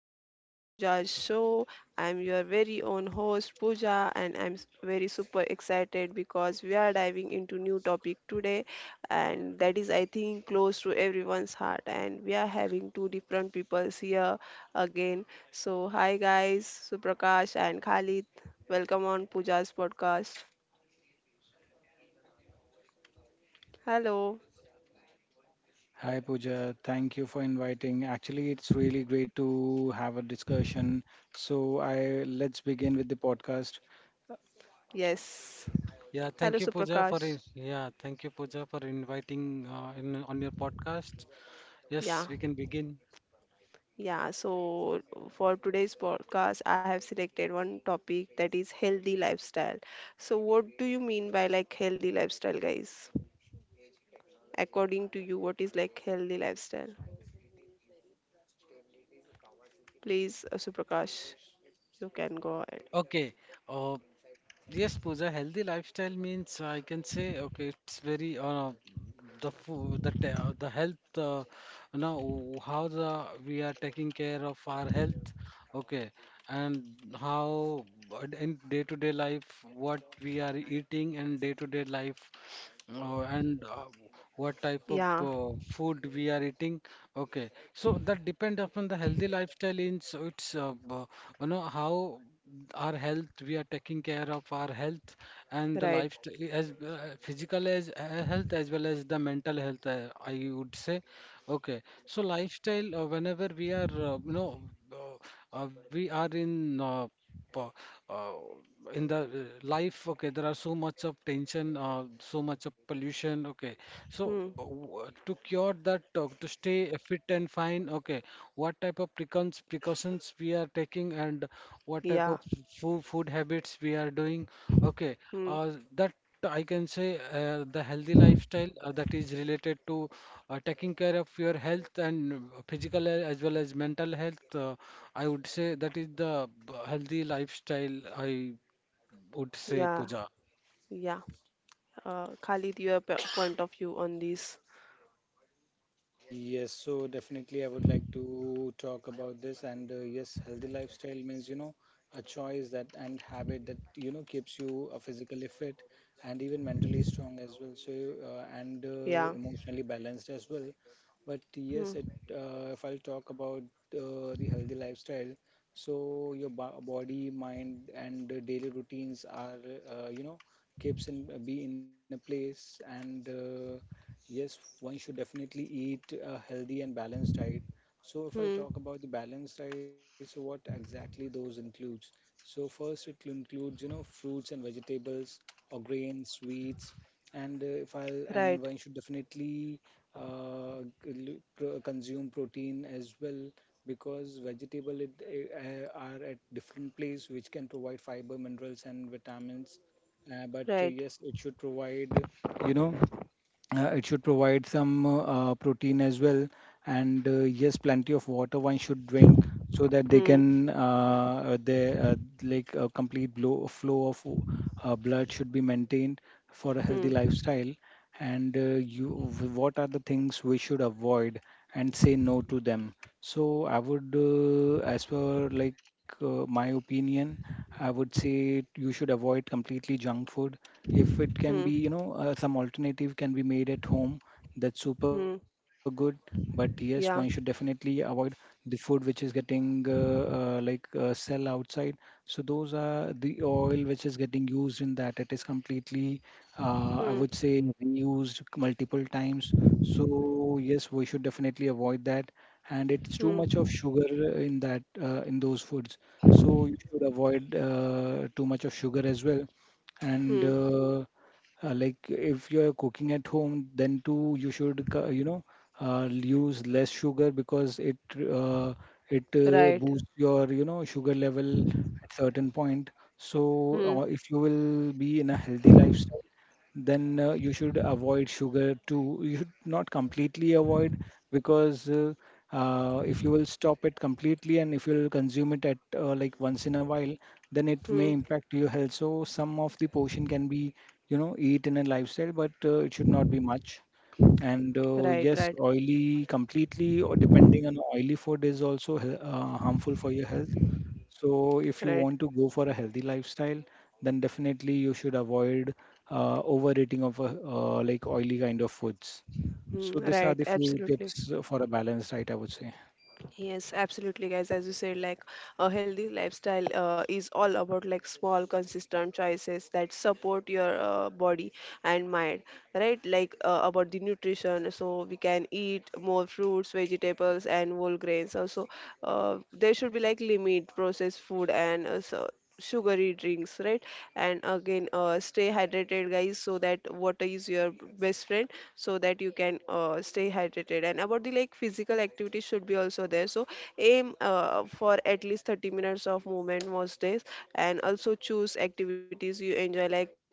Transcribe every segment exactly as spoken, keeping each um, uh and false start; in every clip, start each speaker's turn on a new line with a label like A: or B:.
A: and welcome to Pooja's show. I'm your very own host, Pooja, and I'm s- very super excited because we are diving into new topic today, and that is, I think, close to everyone's heart. And we are having two different peoples here again. So, hi guys, Suprakash and Khalid, welcome on Pooja's podcast. Hello,
B: Hi Pooja, thank you for inviting. Actually, it's really great to have a discussion. So I let's begin with the podcast.
A: yes,
C: Yeah,
A: hello,
C: thank you, Pooja, for
A: Suprakash.
C: in- yeah, thank you, Pooja, for inviting uh, in on your podcast.
A: Yeah.
C: Yes, we can begin.
A: Yeah, so for today's podcast, I have selected one topic that is healthy lifestyle. So, what do you mean by like healthy lifestyle, guys? According to you, what is like healthy lifestyle? Please, uh, Suprakash, you can go ahead.
C: Okay. Uh, yes, Pooja, healthy lifestyle means, I can say, okay, it's very, uh, the food, the te- uh, the health. Uh, now, w- how the we are taking care of our health. Okay, and how, uh, in day-to-day life, what we are eating, and day-to-day life. Oh, and uh, What type of
A: Yeah,
C: uh, food we are eating? Okay, so that depends upon the healthy lifestyle. In so it's, uh, uh, you know, how our health we are taking care of our health and the
A: right.
C: lifestyle, as uh, physical as uh, health, as well as the mental health, Uh, I would say. Okay, so lifestyle, uh, whenever we are, uh, you know uh, uh, we are in. Uh, uh, in the uh, life, okay, there are so much of tension, uh, so much of pollution, okay. So,
A: Hmm.
C: uh, w- to cure that, uh, to stay fit and fine, okay, what type of precautions precautions we are taking, and what type
A: Yeah.
C: of food food habits we are doing, okay.
A: Hmm.
C: Uh, that, I can say, uh, the healthy lifestyle, uh, that is related to uh, taking care of your health and, uh, physical a- as well as mental health, Uh, I would say, that is the b- healthy lifestyle, I would say,
A: Yeah.
C: Pooja.
A: Yeah. Uh, Khalid, your p- point of view on this?
B: Yes, so definitely I would like to talk about this. And uh, yes, healthy lifestyle means, you know, a choice that and habit that, you know, keeps you uh, physically fit and even mentally strong as well. So, uh, and uh,
A: Yeah.
B: Emotionally balanced as well. But yes,
A: Hmm.
B: it, uh, if I'll talk about uh, the healthy lifestyle, so your bo- body, mind, and uh, daily routines are, uh, you know, keeps in be in a place and uh, yes, one should definitely eat a healthy and balanced diet. So if I'll
A: Hmm.
B: talk about the balanced diet, so what exactly those includes? So first it includes, you know, fruits and vegetables or grains, sweets, and uh, if I'll and
A: Right.
B: one should definitely uh, l- pro- consume protein as well because vegetable it, uh, are at different place which can provide fiber, minerals and vitamins. Uh, but uh,
A: Right.
B: yes, it should provide, you know. Uh, it should provide some uh, protein as well, and uh, yes, plenty of water one should drink so that they
A: Hmm.
B: can uh, they uh, like a complete blow, flow of uh, blood should be maintained for a healthy
A: Hmm.
B: lifestyle. And uh, you, what are the things we should avoid and say no to them? So I would, uh, as per like uh, my opinion, I would say you should avoid completely junk food. If it can
A: Hmm.
B: be, you know, uh, some alternative can be made at home, that's super
A: Hmm.
B: good. But yes, one should
A: Yeah.
B: definitely avoid the food which is getting uh, uh, like uh, sell outside. So those are the oil which is getting used in that. It is completely, uh, I
A: Hmm.
B: would say, reused multiple times. So yes, we should definitely avoid that and it's too much
A: Hmm.
B: of sugar in that uh, in those foods. So you should avoid uh, too much of sugar as well. And
A: Hmm.
B: uh, uh, Like if you're cooking at home, then too you should co- you know, uh, use less sugar because it uh, it uh,
A: Right.
B: boosts your, you know, sugar level at certain point. So
A: Hmm.
B: uh, if you will be in a healthy lifestyle then uh, you should avoid sugar too. You should not completely avoid because uh, uh, if you will stop it completely and if you will consume it at uh, like once in a while, then it may
A: Hmm.
B: impact your health. So some of the portion can be, you know, eat in a lifestyle, but uh, it should not be much. And uh,
A: Right.
B: yes,
A: Right.
B: oily completely or depending on oily food is also he- uh, harmful for your health. So if you
A: Right.
B: want to go for a healthy lifestyle, then definitely you should avoid uh, overeating of uh, uh, like oily kind of foods.
A: Hmm.
B: So these are
A: Right.
B: the few
A: Absolutely.
B: tips uh, for a balanced diet, I would say.
A: Yes, absolutely, guys. As you said, like a healthy lifestyle uh, is all about like small, consistent choices that support your uh, body and mind, right? Like uh, about the nutrition, so we can eat more fruits, vegetables, and whole grains. Also, uh, there should be like limit processed food and uh, so sugary drinks, right? And again, uh, stay hydrated, guys, so that water is your best friend so that you can uh, stay hydrated, and about the like physical activity should be also there, so aim uh, for at least thirty minutes of movement most days, and also choose activities you enjoy like uh,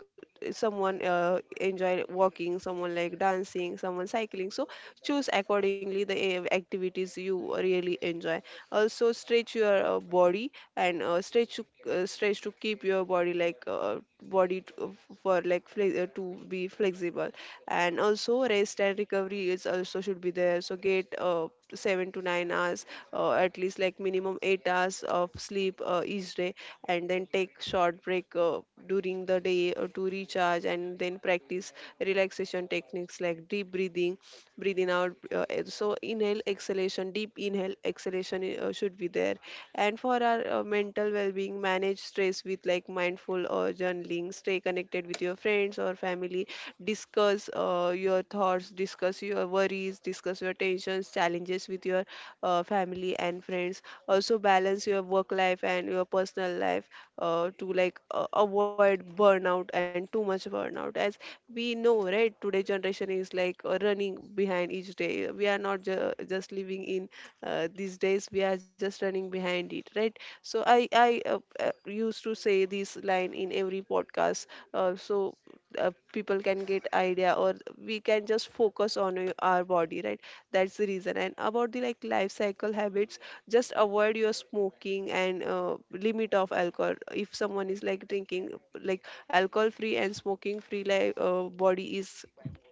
A: someone uh, enjoy walking, someone like dancing, someone cycling, so choose accordingly the eh, activities you really enjoy. Also stretch your uh, body and uh, stretch to, uh, stretch to keep your body like uh, body to, for like fle- uh, to be flexible, and also rest and recovery is also should be there, so get uh, seven to nine hours, uh, at least like minimum eight hours of sleep uh, each day, and then take short break uh, during the day uh, to recharge, and then practice relaxation techniques like deep breathing, breathing out, uh, eh, so inhale exhalation, deep inhale exhalation, eh, uh, should be there. And for our uh, mental well-being, manage stress with like mindful or journaling, stay connected with your friends or family, discuss uh, your thoughts, discuss your worries, discuss your tensions, challenges with your uh, family and friends. Also, balance your work life and your personal life uh, to like uh, avoid burnout and too much burnout. As we know, right, today generation is like uh, running behind each day. We are not ju- just living in uh, these days. We are just running behind it, right? So I I uh, uh, used to say this line in every podcast. Uh, so uh, people can get idea, or we can just focus on uh, our body, right? That's the reason. And about the like life cycle habits, just avoid your smoking and uh, limit of alcohol. If someone is like drinking, like alcohol free and smoking free, like uh, body is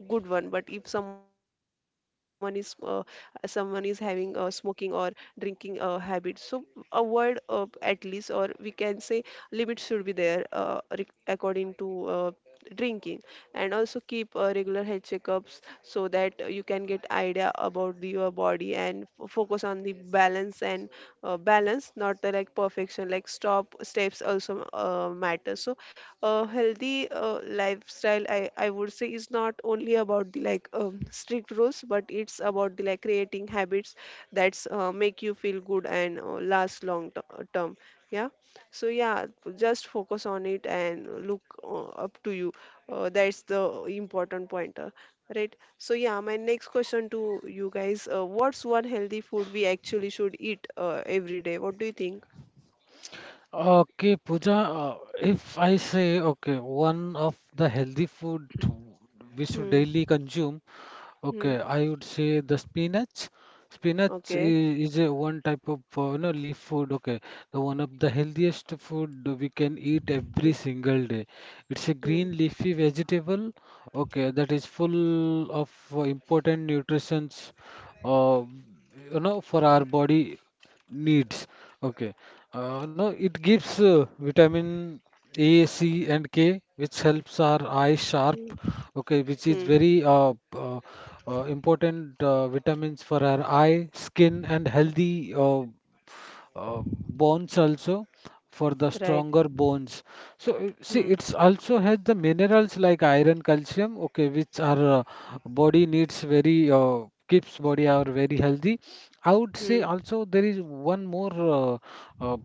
A: good one, but if someone is uh, someone is having uh, smoking or drinking uh, habit, so avoid, uh, at least, or we can say limit should be there, uh, re- according to uh, drinking. And also keep uh, regular health checkups, so that you can get idea about the, your body and f- focus on the balance, and uh, balance, not the like perfection, like stop steps also uh, matter. So uh, healthy uh, lifestyle, I, I would say, is not only about the like um, strict rules, but it's about the like creating habits that's uh, make you feel good and uh, last long t- term, yeah. So yeah, just focus on it, and look uh, up to you. Uh, that's the important pointer, right? So yeah, my next question to you guys: uh, what's one healthy food we actually should eat uh, every day? What do you think?
C: Okay, Pooja, uh, if I say, okay, one of the healthy food we should
A: Hmm.
C: daily consume,
A: Hmm.
C: okay, I would say, the spinach. Spinach
A: Okay.
C: is, is a one type of, uh, you know, leaf food. Okay, the one of the healthiest food we can eat every
A: Hmm.
C: single day. It's a
A: Hmm.
C: green leafy vegetable. Okay, that is full of uh, important nutrients, Uh, you know, for our body needs. Okay, uh, no, it gives uh, vitamin A, C, and K, which helps our eye sharp.
A: Hmm.
C: Okay, which
A: Hmm,
C: is very, uh, uh, uh, important uh, vitamins for our eye, skin, and healthy uh, uh, bones also, for the
A: right.
C: stronger bones. So, uh, see,
A: Hmm.
C: it's also has the minerals like iron, calcium, okay, which our uh, body needs, very, uh, keeps body our very healthy. I would say,
A: Hmm.
C: also there is one more, uh, uh,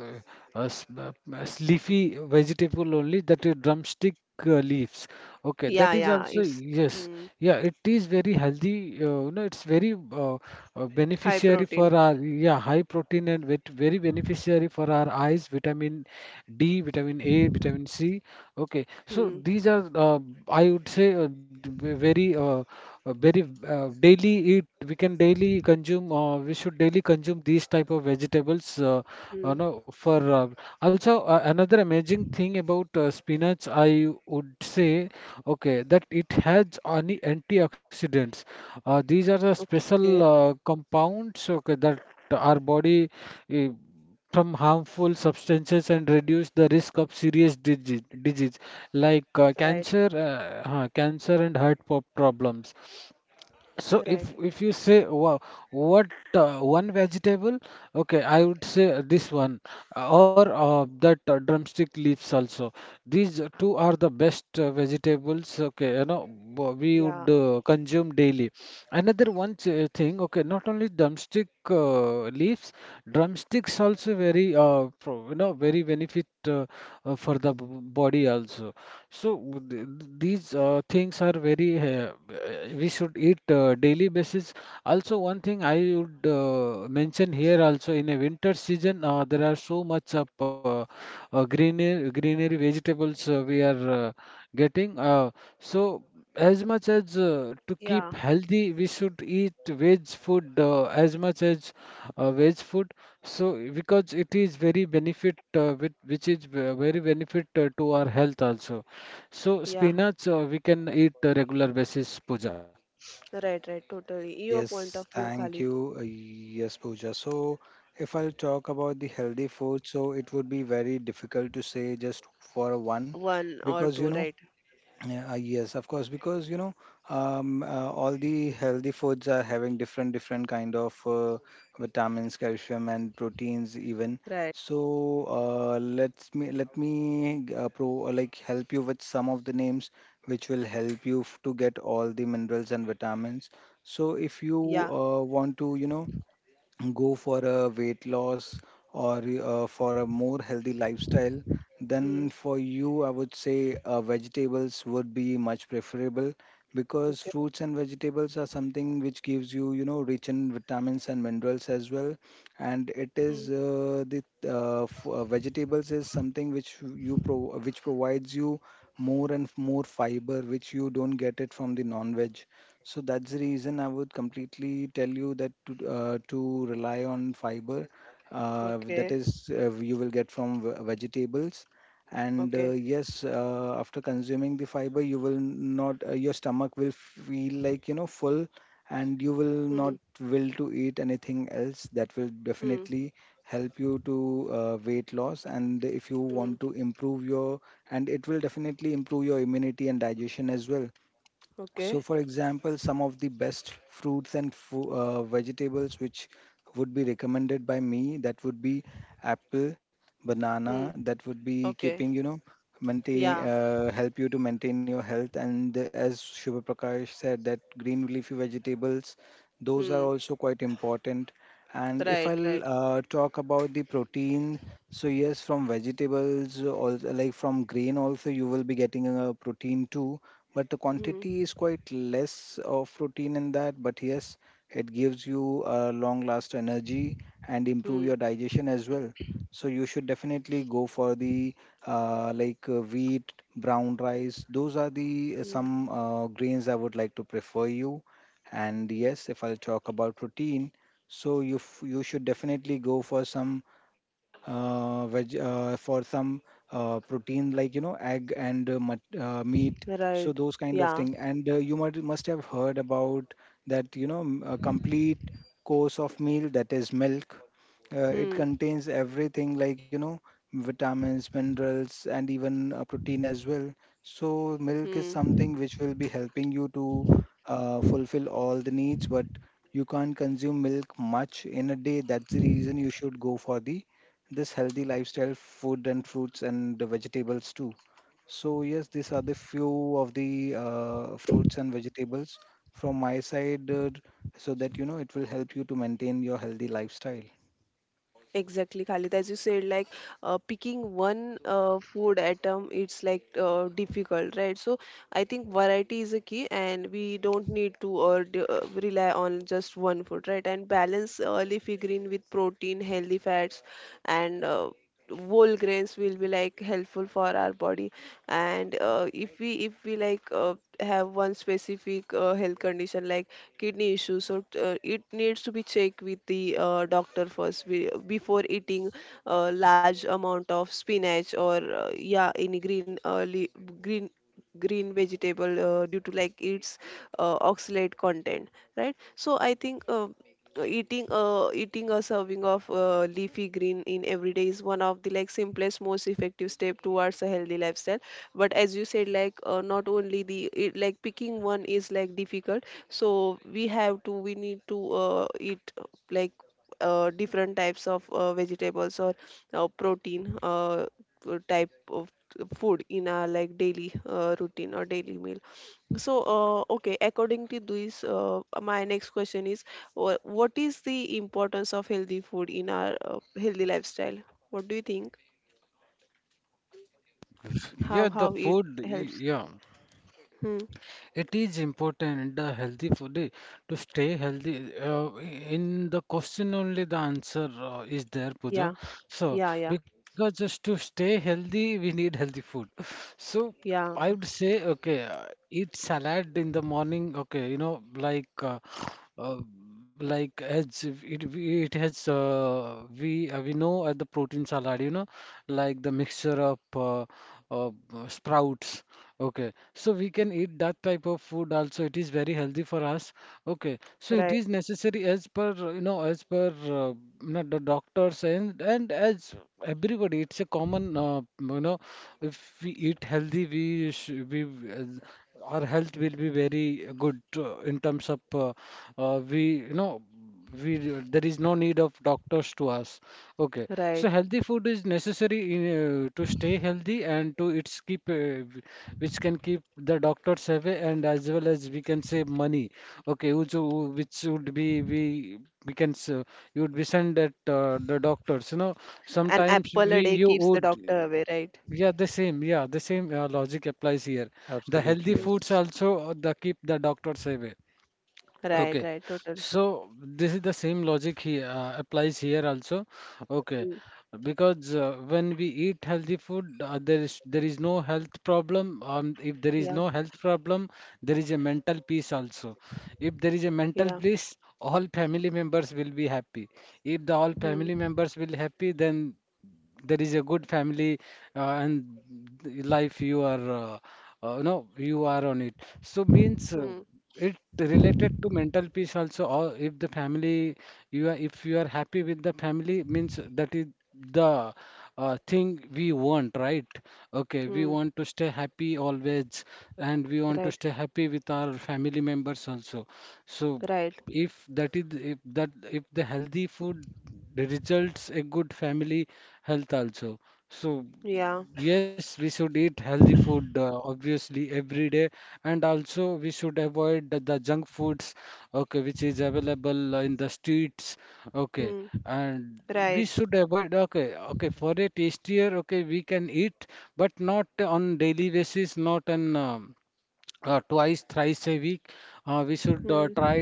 C: uh, a, s- a- a leafy vegetable only, that is drumstick uh, leaves. Okay, that
A: Yeah.
C: is
A: Yeah.
C: also,
A: It's.
C: yes,
A: Hmm.
C: yeah. It is very healthy. Uh, you know, it's very, uh, uh,
A: High
C: beneficiary for
A: protein.
C: our, yeah, high protein and, vet, very beneficiary for our eyes, vitamin D, vitamin A, vitamin C. Okay, so
A: Hmm.
C: these are, uh, I would say, uh, d- very, uh, uh, very, uh, daily eat. We can daily consume. Uh, uh, we should daily consume these type of vegetables, uh, you
A: Hmm.
C: know, for, uh, also, uh, another amazing thing about uh, spinach, I would say, okay, that it has any antioxidants, uh, these are the
A: Okay.
C: special uh, compounds, okay, that our body, uh, from harmful substances, and reduce the risk of serious disease, disease like, uh,
A: Right.
C: cancer, uh, huh, cancer, and heart po- problems. So, if
A: Right.
C: if you say, wow, what, uh, one vegetable? Okay, I would say, this one, uh, or uh, that, uh, drumstick leaves also. These two are the best uh, vegetables. Okay, you know, wha- we would
A: Yeah.
C: uh, consume daily. Another one ch- thing. Okay, not only drumstick uh, leaves, drumsticks also very, uh, pro, you know, very benefit, uh, uh, for the b- body also. So, w- th- these uh, things are very, uh, uh, we should eat uh, daily basis. Also, one thing I would uh, mention here also, in a winter season, uh, there are so much of, uh, uh, greenery, greenery vegetables uh, we are uh, getting. Uh, so, as much as, uh, to keep
A: Yeah.
C: healthy, we should eat veg food, uh, as much as uh, veg food. So, because it is very benefit, uh, with, which is ve- very benefit uh, to our health also. So,
A: Yeah.
C: spinach, uh, we can eat uh, regular basis, Pooja.
A: Right. Right. Totally. Your point
B: Yes,
A: of view,
B: thank
A: Khalid.
B: you. Uh, Yes, Pooja. So, if I'll talk about the healthy food, so it would be very difficult to say just for one
A: One or
B: because you
A: two,
B: know,
A: right?
B: yeah, uh, yes, of course, because you know, um, uh, all the healthy foods are having different different kind of uh, vitamins, calcium, and proteins even.
A: Right.
B: So uh, let's me let me uh, pro uh, like help you with some of the names which will help you f- to get all the minerals and vitamins. So if you
A: Yeah.
B: uh, want to, you know, go for a weight loss or uh, for a more healthy lifestyle, then
A: Hmm.
B: for you, I would say uh, vegetables would be much preferable because
A: Okay.
B: fruits and vegetables are something which gives you, you know, rich in vitamins and minerals as well. And it
A: Hmm.
B: is uh, the uh, f- uh, vegetables is something which you pro which provides you more and more fiber, which you don't get it from the non-veg. So that's the reason I would completely tell you that to, uh, to rely on fiber uh, that
A: Okay.
B: is uh, you will get from ve- vegetables. And uh,
A: Okay.
B: yes, uh, after consuming the fiber, you will not uh, your stomach will feel like, you know, full, and you will
A: Hmm.
B: not will to eat anything else. That will
A: Hmm.
B: definitely help you to uh, weight loss. And if you
A: Hmm.
B: want to improve your and it will definitely improve your immunity and digestion as well.
A: Okay.
B: So, for example, some of the best fruits and fu- uh, vegetables which would be recommended by me, that would be apple,
A: Hmm.
B: banana, that would be
A: Okay.
B: keeping, you know,
A: Yeah.
B: maintain, uh, help you to maintain your health. And the- as Shubha Prakash said, that green leafy vegetables, those
A: Hmm.
B: are also quite important. And if
A: Right. Right.
B: I'll uh, talk about the protein, so yes, from vegetables, also, like from grain also, you will be getting a protein too, but the
A: Hmm.
B: quantity is quite less of protein in that. But yes, it gives you a long last energy and improve
A: Hmm.
B: your digestion as well. So you should definitely go for the uh, like uh, wheat, brown rice. Those are the uh,
A: Hmm.
B: some uh, grains I would like to prefer you. And yes, if I'll talk about protein, so you f- you should definitely go for some uh, veg uh, for some uh, protein like, you know, egg and uh, mut- uh, meat, so
A: Right.
B: those kind of
A: Yeah.
B: thing. And uh, you might must have heard about that, you know, m- a complete course of meal, that is milk. Uh, it
A: Hmm.
B: contains everything like, you know, vitamins, minerals and even uh, protein as well. So milk is
A: Hmm.
B: something which will be helping you to uh, fulfill all the needs, but you can't consume milk much in a day. That's the reason you should go for the this healthy lifestyle food and fruits and the vegetables too. So yes, these are the few of the uh, fruits and vegetables from my side, uh, so that, you know, it will help you to maintain your healthy lifestyle.
A: Exactly, Khalid. As you said, like uh, picking one uh, food item, it's like uh, difficult, right? So I think variety is a key, and we don't need to, or d- uh, rely on just one food, right? And balance uh, leafy green with protein, healthy fats, and uh, whole grains will be like helpful for our body, and uh, if we if we like uh, have one specific uh, health condition like kidney issues, so uh, it needs to be checked with the uh, doctor first be- before eating a large amount of spinach, or uh, yeah, any green uh, le- green green vegetable uh, due to like its uh, oxalate content, right. So I think, uh, uh, eating a eating a serving of uh, leafy green in every day is one of the like simplest, most effective step towards a healthy lifestyle. But as you said, like uh, not only the it, like picking one is like difficult, so we have to we need to uh, eat uh, like uh, different types of uh, vegetables or uh, protein uh, uh, type of uh, food in our like daily uh, routine or daily meal. So uh, okay, according to this, uh, my next question is: Wha- what is the importance of healthy food in our uh, healthy lifestyle? What do you think? How how it helps? Hmm. Yeah, yeah, yeah, yeah. Right, right. An apple a day keeps the doctor away, right?
B: Absolutely,
A: Hmm.
B: yes.
A: Right, right. Total. Hmm. Yeah, yeah. Hmm. Hmm. Hmm. Right, right. Yeah. Hmm. Right. Hmm.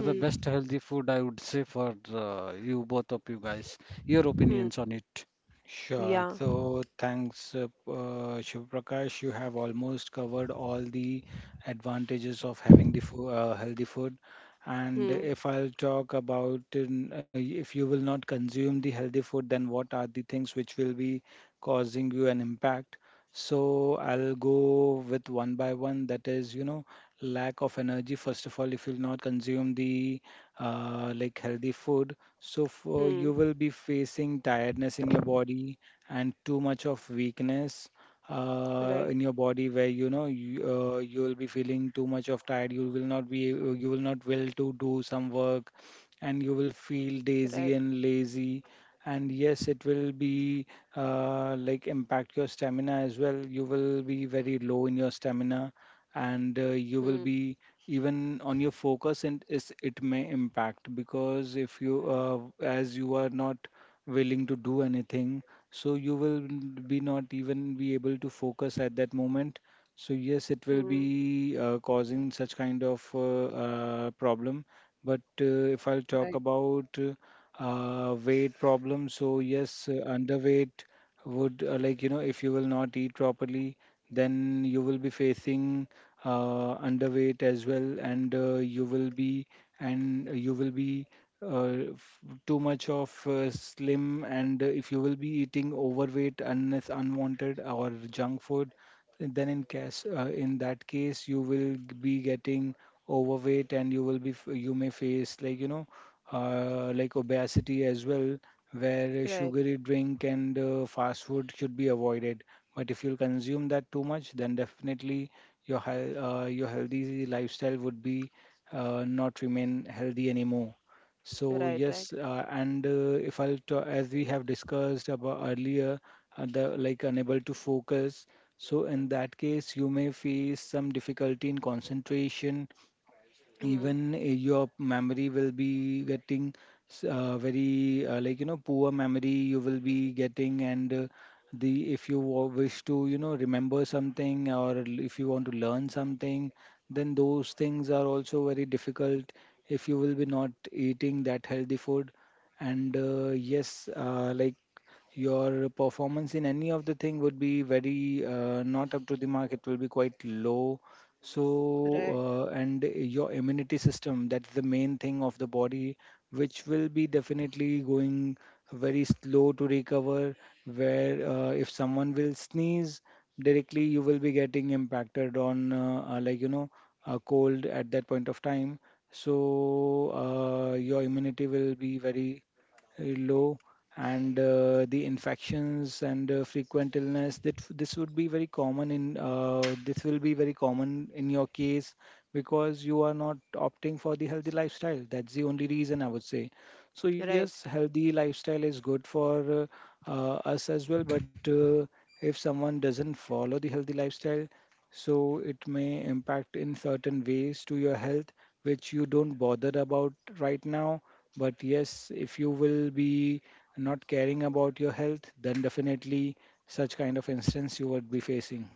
A: Hmm. Hmm.
B: Sure.
A: Yeah.
B: So thanks, uh, uh, Shiv Prakash. You have almost covered all the advantages of having the fo uh, healthy food. And
A: Hmm.
B: if I'll talk about in, uh, if you will not consume the healthy food, then what are the things which will be causing you an impact? So I'll go with one by one. That is, you know, lack of energy. First of all, if you'll not consume the uh, like healthy food, so for,
A: Hmm.
B: you will be facing tiredness in your body and too much of weakness uh,
A: Right,
B: in your body where, you know, you, uh, you will be feeling too much of tired. You will not be a- you will not will to do some work and you
A: right.
B: will feel daisy and lazy. And yes, it will be uh, like impact your stamina as well. You will be very low in your stamina and uh, you
A: Hmm.
B: will be even on your focus and is it may impact because if you uh, as you are not willing to do anything, so you will be not even be able to focus at that moment. So yes, it will
A: Hmm.
B: be uh, causing such kind of uh, uh, problem. But uh, if I'll talk
A: Right,
B: about uh, uh, weight problem, so yes, uh, underweight would, uh, like, you know, if you will not eat properly then you will be facing uh, underweight as well. And uh, you will be and you will be uh, f- too much of uh, slim. And uh, if you will be eating overweight unless unwanted or junk food, then in case uh, in that case you will g- be getting overweight and you will be f- you may face, like, you know, uh, like obesity as well, where
A: right.
B: sugary drink and uh, fast food should be avoided. But if you consume that too much, then definitely your health, uh, your healthy lifestyle would be uh, not remain healthy anymore. So
A: Right,
B: yes,
A: right.
B: uh, and uh, if I'll ta- as we have discussed about earlier, uh, the like unable to focus. So in that case, you may face some difficulty in concentration
A: Hmm.
B: even uh, your memory will be getting s- uh, very, uh, like you know poor memory you will be getting. And uh, the if you wa- wish to you know remember something, or l- if you want to learn something, then those things are also very difficult if you will be not eating that healthy food. And uh, yes, uh, like your performance in any of the thing would be very, uh, not up to the mark, it will be quite low.
A: Right,
B: So uh, and your immunity system, that's the main thing of the body, which will be definitely going very slow to recover, where uh, if someone will sneeze directly you will be getting impacted on uh, uh, like you know a cold at that point of time. So uh, your immunity will be very, uh, low. And uh, the infections and uh, frequent illness that f- this would be very common in uh, this will be very common in your case because you are not opting for the healthy lifestyle, that's the only reason I would say. So yes,
A: right.
B: healthy lifestyle is good for uh, uh, us as well, but uh, if someone doesn't follow the healthy lifestyle, so it may impact in certain ways to your health which you don't bother about right now. But yes, if you will be not caring about your health, then definitely such kind of instance you would be facing.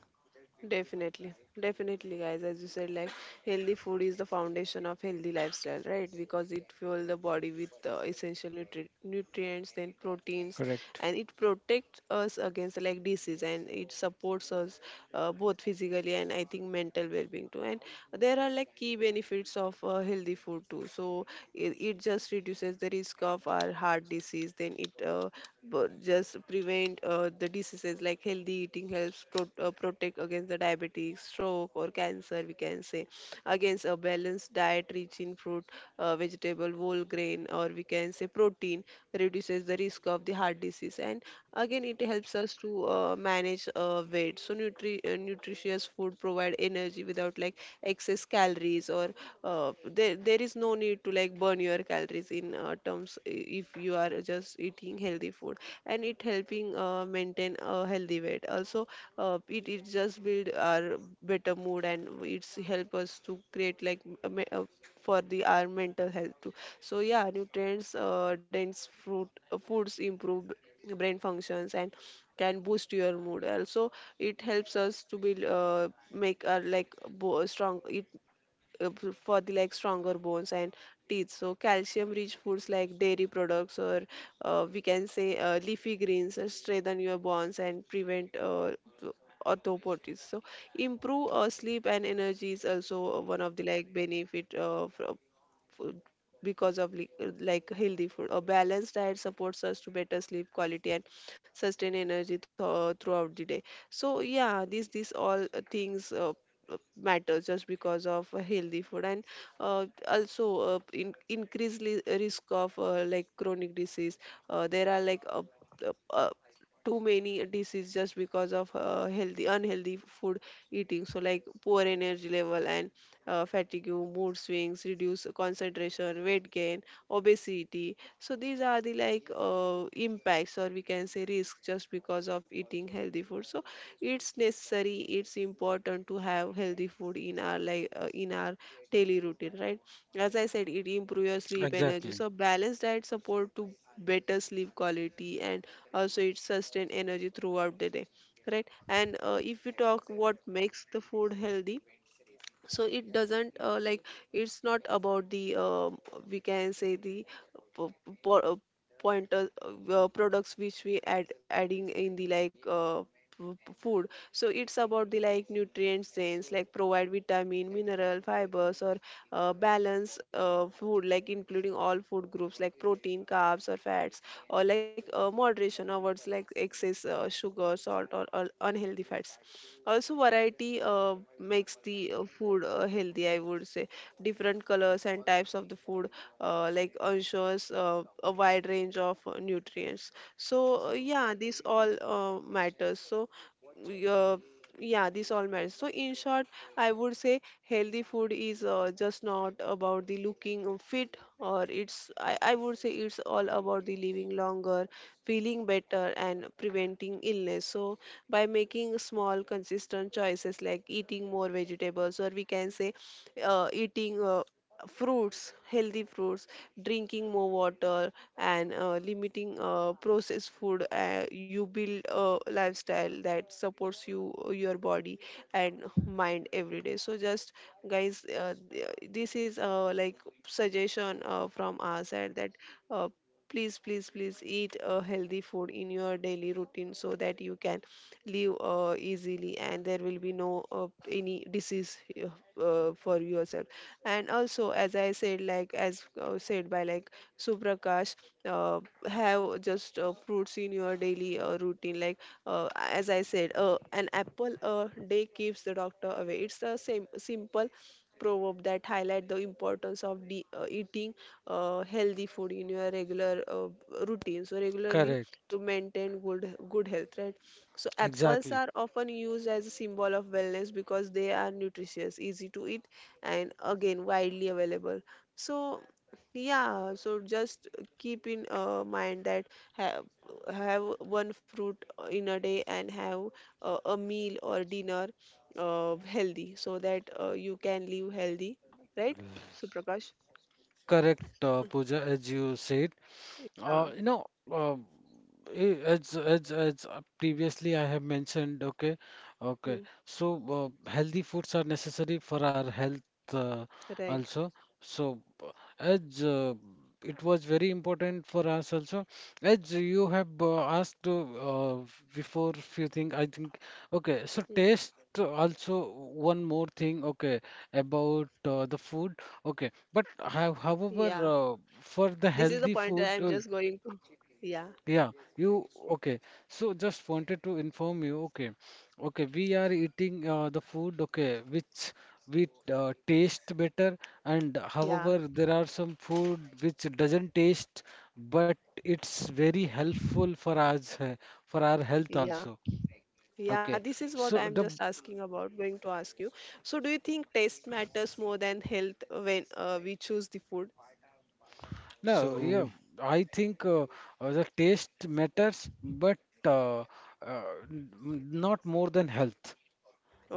A: Definitely, definitely, guys. As you said, like healthy food is the foundation of healthy lifestyle, right? Because it fuels the body with uh, essential nutri- nutrients, then proteins,
B: Correct.
A: and it protects us against like disease, and it supports us uh, both physically and, I think, mental well-being too. And there are like key benefits of uh, healthy food too. So it, it just reduces the risk of our heart disease. Then it uh, but just prevent uh, the diseases, like healthy eating helps pro- uh, protect against the diabetes, stroke, or cancer, we can say. Against a balanced diet rich in fruit, uh, vegetable, whole grain, or we can say protein, reduces the risk of the heart disease. And again, it helps helps us to uh, manage uh, weight. So nutri uh, nutritious food provide energy without like excess calories, or uh, there there is no need to like burn your calories in uh, terms, i- if you are just eating healthy food, and it helping uh, maintain a healthy weight. Also, uh, it it just build our better mood, and it's help us to create like a me- a for the our mental health too. So yeah, nutrients, uh, dense fruit uh, foods improve b- brain functions and can boost your mood also. It helps us to be uh, make our like bo- strong, it uh, p- for the like stronger bones and teeth, so calcium rich foods like dairy products, or uh, we can say uh, leafy greens, uh, strengthen your bones and prevent uh, p- orthopotics. So improve uh, sleep and energy is also one of the like benefit, uh, fr- food, because of li- uh, like healthy food. A balanced diet supports us to better sleep quality and sustain energy th- throughout the day. So yeah, these these all uh, things. Uh, uh, Matters just because of a healthy food, and uh, also uh, in, increased li- risk of uh, like chronic disease. Uh, there are like uh, uh, uh, too many diseases just because of uh, healthy, unhealthy food eating, so like poor energy level and uh, fatigue, mood swings, reduce concentration, weight gain, obesity. So these are the like uh, impacts, or we can say risk, just because of eating healthy food. So it's necessary, it's important to have healthy food in our like uh, in our daily routine, right? As I said, it improves your sleep energy. So balanced diet support to better sleep quality and also it sustain energy throughout the day, right? And uh, if we talk what makes the food healthy, so it doesn't uh, like it's not about the um we can say the po- po- uh, pointer uh, uh, products which we add adding in the like uh, f- food. So it's about the like nutrient sense, like provide vitamin mineral fibers or uh, balance uh, food, like including all food groups like protein carbs or fats, or like uh, moderation avoids like excess uh, sugar salt or, or unhealthy fats. Also, variety uh, makes the uh, food uh, healthy, I would say. Different colors and types of the food uh, like ensures uh, a wide range of uh, nutrients. So, uh, yeah, this all uh, matters. So, y- uh, yeah, this all matters. So, in short, I would say healthy food is uh, just not about the looking fit, or it's, I, I would say, it's all about the living longer, feeling better, and preventing illness. So, by making small consistent choices like eating more vegetables, or we can say uh, eating uh, fruits healthy fruits, drinking more water, and uh, limiting uh, processed food, uh, you build a lifestyle that supports you your body and mind every day. So just guys, uh, th- this is uh, like suggestion uh, from our side that uh, please please please eat a healthy food in your daily routine, so that you can live uh, easily and there will be no uh, any disease, uh, uh, for yourself. And also, as I said, like as uh, said by like Suprakash, uh, have just uh, fruits in your daily uh, routine. Like, uh, as I said, uh, an apple a day keeps the doctor away. It's the same simple proverb that highlight the importance of de- uh, eating uh, healthy food in your regular uh, routine, so regularly
C: Correct,
A: to maintain good good health, right? So apples are
C: exactly.
A: often used as a symbol of wellness because they are nutritious, easy to eat, and again widely available. So yeah, so just keep in uh, mind that have have one fruit in a day and have uh, a meal or dinner uh, healthy, so that uh, you can live healthy, right? Suprakash.
C: Correct, uh, Pooja, as you said.
A: Yeah.
C: Uh, you know, uh, Eh, As as as uh, previously I have mentioned, okay,
A: Hmm.
C: okay. So, uh, healthy foods are necessary for our health, uh,
A: Right.
C: also. So, uh, as uh, it was very important for us also. As you have uh, asked, uh, before, few things, I think. Okay, so
A: Hmm.
C: taste, also one more thing. Okay, about uh, the food. Okay, but how,
A: Yeah.
C: however, uh,
A: This
C: for
A: is the
C: the
A: point that
C: healthy
A: I'm just
C: food, uh,
A: going to. Yeah.
C: yeah, you okay. So, just wanted to inform you. Okay, okay, we are eating uh, the food, okay, which we uh, taste better, and,
A: Yeah.
C: however, there are some food which doesn't taste, but it's very helpful for us, uh, for our health
A: Yeah.
C: also.
A: Yeah, this
C: Okay,
A: is what I'm
C: so
A: just
C: the
A: asking about, going to ask you. So, do you think taste matters more than health when uh, we choose the food?
C: no, yeah,
B: So
C: I think, uh, uh, the taste matters, but, uh, uh, n- not more than health.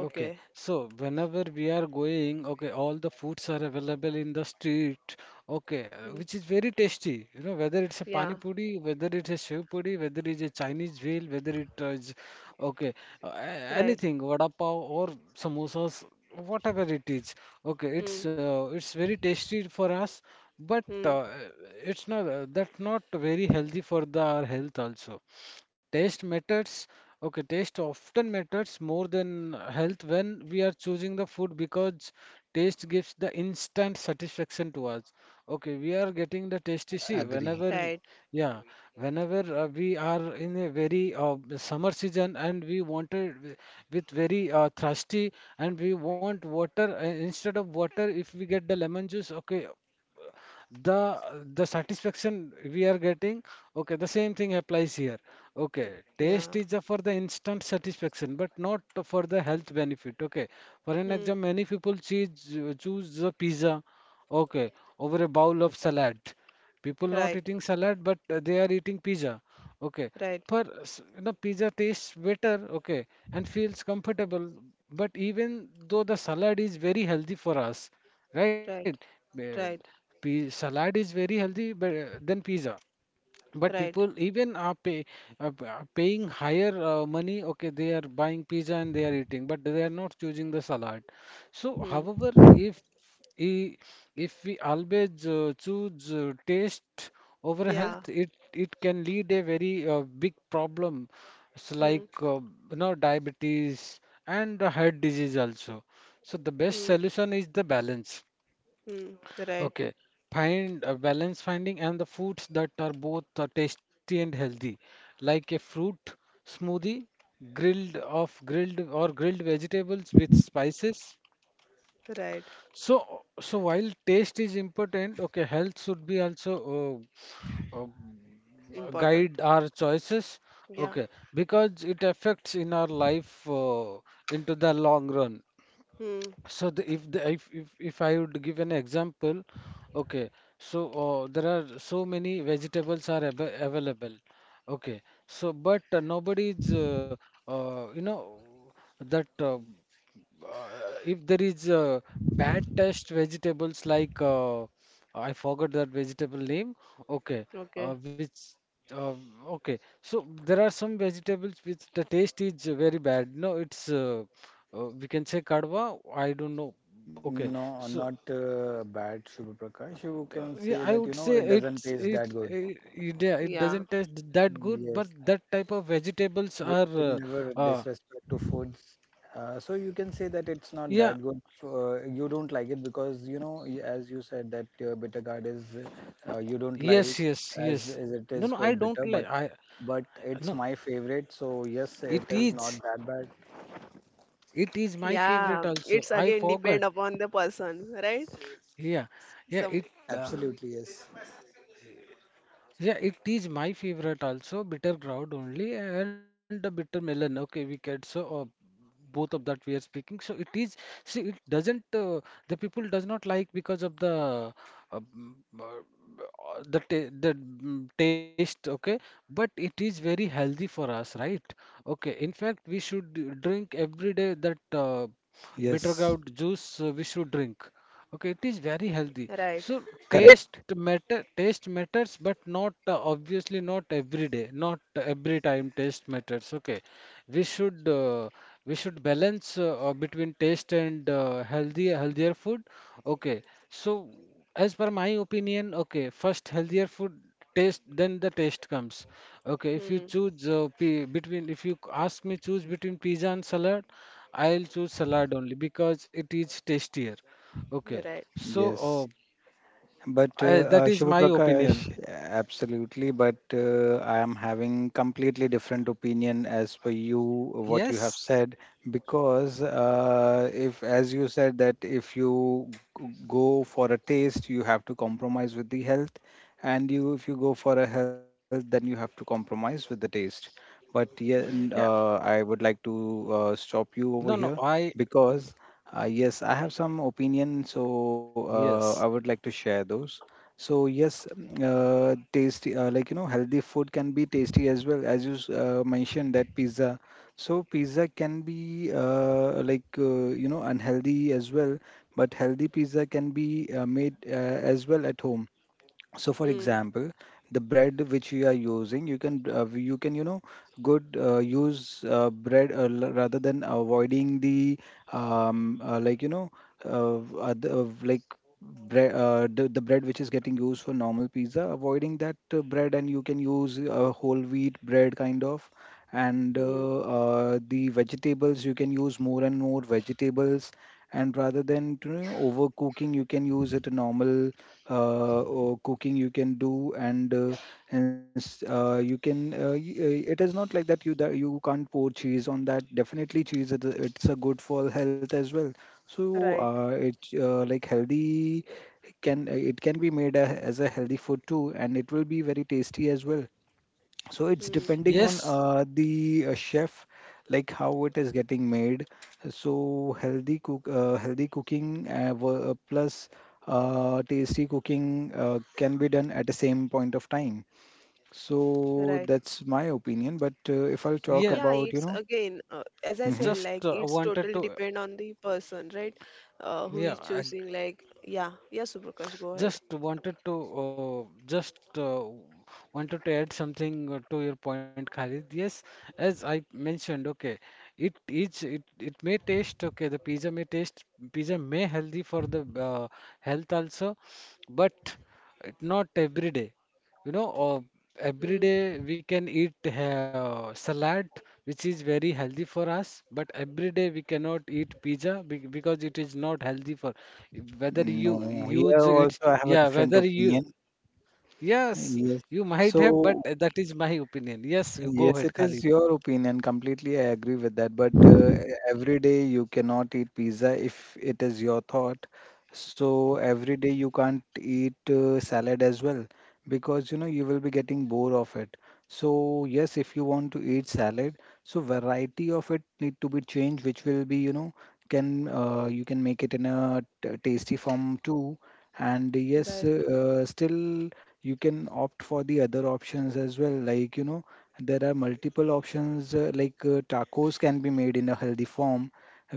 C: Okay, so whenever we are going, okay, all the foods are available in the street, okay, uh,
A: Hmm.
C: which is very tasty. You know, whether it's a
A: Yeah.
C: pani puri, whether it's a shev puri, whether it's a Chinese wheel, whether it uh, is, okay, uh, a-
A: Right.
C: anything, vada pav, or samosas, whatever it is. Okay,
A: Hmm.
C: it's uh, it's very tasty for us, but,
A: Hmm.
C: uh, it's not uh, that's not very healthy for the our health also. Taste matters. Okay, taste often matters more than health when we are choosing the food, because taste gives the instant satisfaction to us. Okay, we are getting the tasty. See, whenever,
B: agree.
C: we-
A: Right,
C: yeah, whenever uh, we are in a very uh, summer season, and we wanted, wi- with very uh, thirsty, and we want water, uh, instead of water, if we get the lemon juice, okay, the the satisfaction we are getting, okay, the same thing applies here, okay.
A: yeah.
C: Taste is uh, for the instant satisfaction, but not for the health benefit, okay. For an
A: Hmm.
C: example, many people choose choose the pizza, okay, over a bowl of salad. People not
A: Right,
C: eating salad, but uh, they are eating pizza. Okay,
A: right,
C: per s- you know, pizza tastes better, okay, and feels comfortable. But even though the salad is very healthy for us, right?
A: right,
C: Uh,
A: right,
C: pi- Salad is very healthy, but uh, than pizza. But
A: right.
C: people even are pay, uh, p- uh, paying higher uh, money. Okay, they are buying pizza and they are eating, but they are not choosing the salad. So,
A: Hmm.
C: however, if i- if we always uh, choose uh, taste over
A: Yeah.
C: health, it it can lead a very uh, big problem, so
A: Hmm.
C: like, uh, you know, diabetes, and uh, heart disease also. So, the best
A: Hmm.
C: solution is the balance.
A: Hmm. Right,
C: Okay, find a balance, finding and the foods that are both uh, tasty and healthy, like a fruit smoothie, grilled of grilled or grilled vegetables with spices.
A: right.
C: So, so while taste is important, okay, health should be also, uh, uh,
A: Important.
C: guide our choices.
A: Yeah.
C: Okay, because it affects in our life uh, into the long run.
A: Hmm.
C: So, the, if the if, if if I would give an example, okay, so uh, there are so many vegetables are ab available, okay. So, but uh, nobody is, uh, uh, you know, that, uh, uh, if there is uh, bad taste vegetables, like, uh, I forgot that vegetable name. Okay,
A: Okay.
C: uh, which uh, okay. So, there are some vegetables which the taste is very bad. No, it's, uh, uh, we can say, Kadwa, I don't know. Okay,
B: No,
C: so,
B: not uh, bad, Shubha Prakash. You
C: uh,
B: can
C: yeah,
B: say
C: I
B: that, you
C: would
B: know,
C: say,
B: it doesn't
C: it's
B: taste
C: it,
B: that good.
C: it, it yeah, it
A: Yeah.
C: doesn't taste that good, but
B: Yes,
C: that type of vegetables
B: we
C: are,
B: should
C: uh,
B: never
C: uh
B: disrespect to foods. Uh, so you can say that it's not
C: yeah,
B: that good. So, Uh, you don't like it because, you know, y- as you said that uh, bitter gourd is uh, you don't like
C: yes, yes,
B: as
C: yes.
B: as it
C: No,
B: is
C: no, I
B: quite
C: don't
B: bitter, but
C: like. I
B: but it's
C: no.
B: my favorite. So yes,
C: It
B: it is not
C: is
B: that bad.
C: it is my
A: Yeah.
C: favorite
A: It's
C: also. I
A: again depend
C: forgot.
A: upon the person, right?
C: Yeah, yeah,
A: Some.
C: it. Uh,
A: Hmm.
B: Absolutely yes.
C: Yeah, it is my favorite also, bitter gourd only, and the bitter melon. Okay, we get, so, uh, both of that we are speaking. So, it is, see, it doesn't, uh, the people does not like because of the, uh, mm, uh, the ta- the mm, taste, okay, but it is very healthy for us, right? Okay, in fact, we should drink every day, that. Uh, bitter
B: Yes,
C: gourd juice, uh, we should drink, okay, it is very healthy.
A: Right.
C: So,
B: correct.
C: taste matter taste matters, but not, uh, obviously, not every day, not every time taste matters, okay. We should, uh, we should balance, uh, uh, between taste and uh, healthy healthier food, okay. So, as per my opinion, okay, first healthier food taste, then the taste comes. Okay, if you
A: Mm,
C: choose, uh, pi- between if you ask me, choose between pizza and salad, I'll choose salad only, because it is tastier. Okay,
A: right.
C: so,
B: Yes, but
C: uh,
B: uh,
C: I, that
B: uh,
C: is
B: Shubha
C: my opinion.
B: Prakash, absolutely. But uh, I am having completely different opinion as per you what you have
C: Yes,
B: said because uh, if, as you said, that if you g- go for a taste, you have to compromise with the health, and you if you go for a health, then you have to compromise with the taste. But yeah, n-
C: yeah,
A: Mm,
B: uh, I would like to uh, stop you
C: no,
B: over
C: no,
B: here
C: I,
B: because uh, yes, I have some opinion, so uh,
C: yes,
B: I would like to share those. So yes, mm, uh, tasty, uh, like you know healthy food can be tasty as well as you s- uh, mentioned that pizza. So pizza can be uh, like, uh, you know unhealthy as well, but healthy pizza can be uh, made uh, as well at home. So for
A: mm,
B: example the bread which you are using, you can uh, you can you know good uh, use uh, bread, uh, l- rather than avoiding the um, uh, like you know uh, other, uh, like bread, uh, the, the bread which is getting used for normal pizza, avoiding that uh, bread, and you can use a whole wheat bread kind of. And
A: mm,
B: uh, uh, the vegetables you can use, more and more vegetables, and rather than you know, overcooking, you can use it a normal, uh, or cooking you can do. And uh, and s- uh, you can uh, y- uh, it is not like that you that you can't pour cheese on that, definitely cheese is a- it's a good for health as well. So
A: right.
B: uh, it uh, like healthy can uh, it can be made a, as a healthy food too, and it will be very tasty as well. So it's
A: Mm,
B: depending on
C: yes,
B: uh, the uh, chef, like how it is getting made. So healthy cook uh, healthy cooking uh, wo- uh, plus uh, tasty cooking uh, can be done at the same point of time. So
A: right.
B: that's my opinion, but uh, if I'll talk
A: Yeah,
C: yeah,
B: about
A: it's
B: you know
A: again, uh, as I said,
B: Mhm.
C: just
A: like
C: uh,
A: it's totally
C: wanted to,
A: depend on the person, right? Uh, who is
C: yeah, I,
A: choosing, like, yeah, yeah, Suprakash, go ahead.
C: just wanted to, uh, just uh, wanted to add something uh, to your point, Khalid. Yes, as I mentioned, okay, it is it it may taste, okay. The pizza may taste pizza may healthy for the uh, health also, but it not every day. You know, uh, every
A: Mm,
C: day we can eat uh, salad, which is very healthy for us, but every day we cannot eat pizza be- because it is not healthy for whether
B: No,
C: you
B: here
C: use it,
B: also I have a
C: yeah,
B: different
C: whether you,
B: opinion.
C: yes,
B: Yes,
C: you might have, but
B: so
C: that is my opinion. Yes, you go
B: yes, it
C: ahead,
B: is
C: Khalid.
B: your opinion. Completely, I agree with that. But uh, every day you cannot eat pizza if it is your thought. So every day you can't eat uh, salad as well because you know you will be getting bored of it. So yes, if you want to eat salad, so variety of it need to be changed, which will be you know can uh, you can make it in a t- tasty form too. And yes,
A: right.
B: uh, still you can opt for the other options as well, like you know there are multiple options uh, like uh, tacos can be made in a healthy form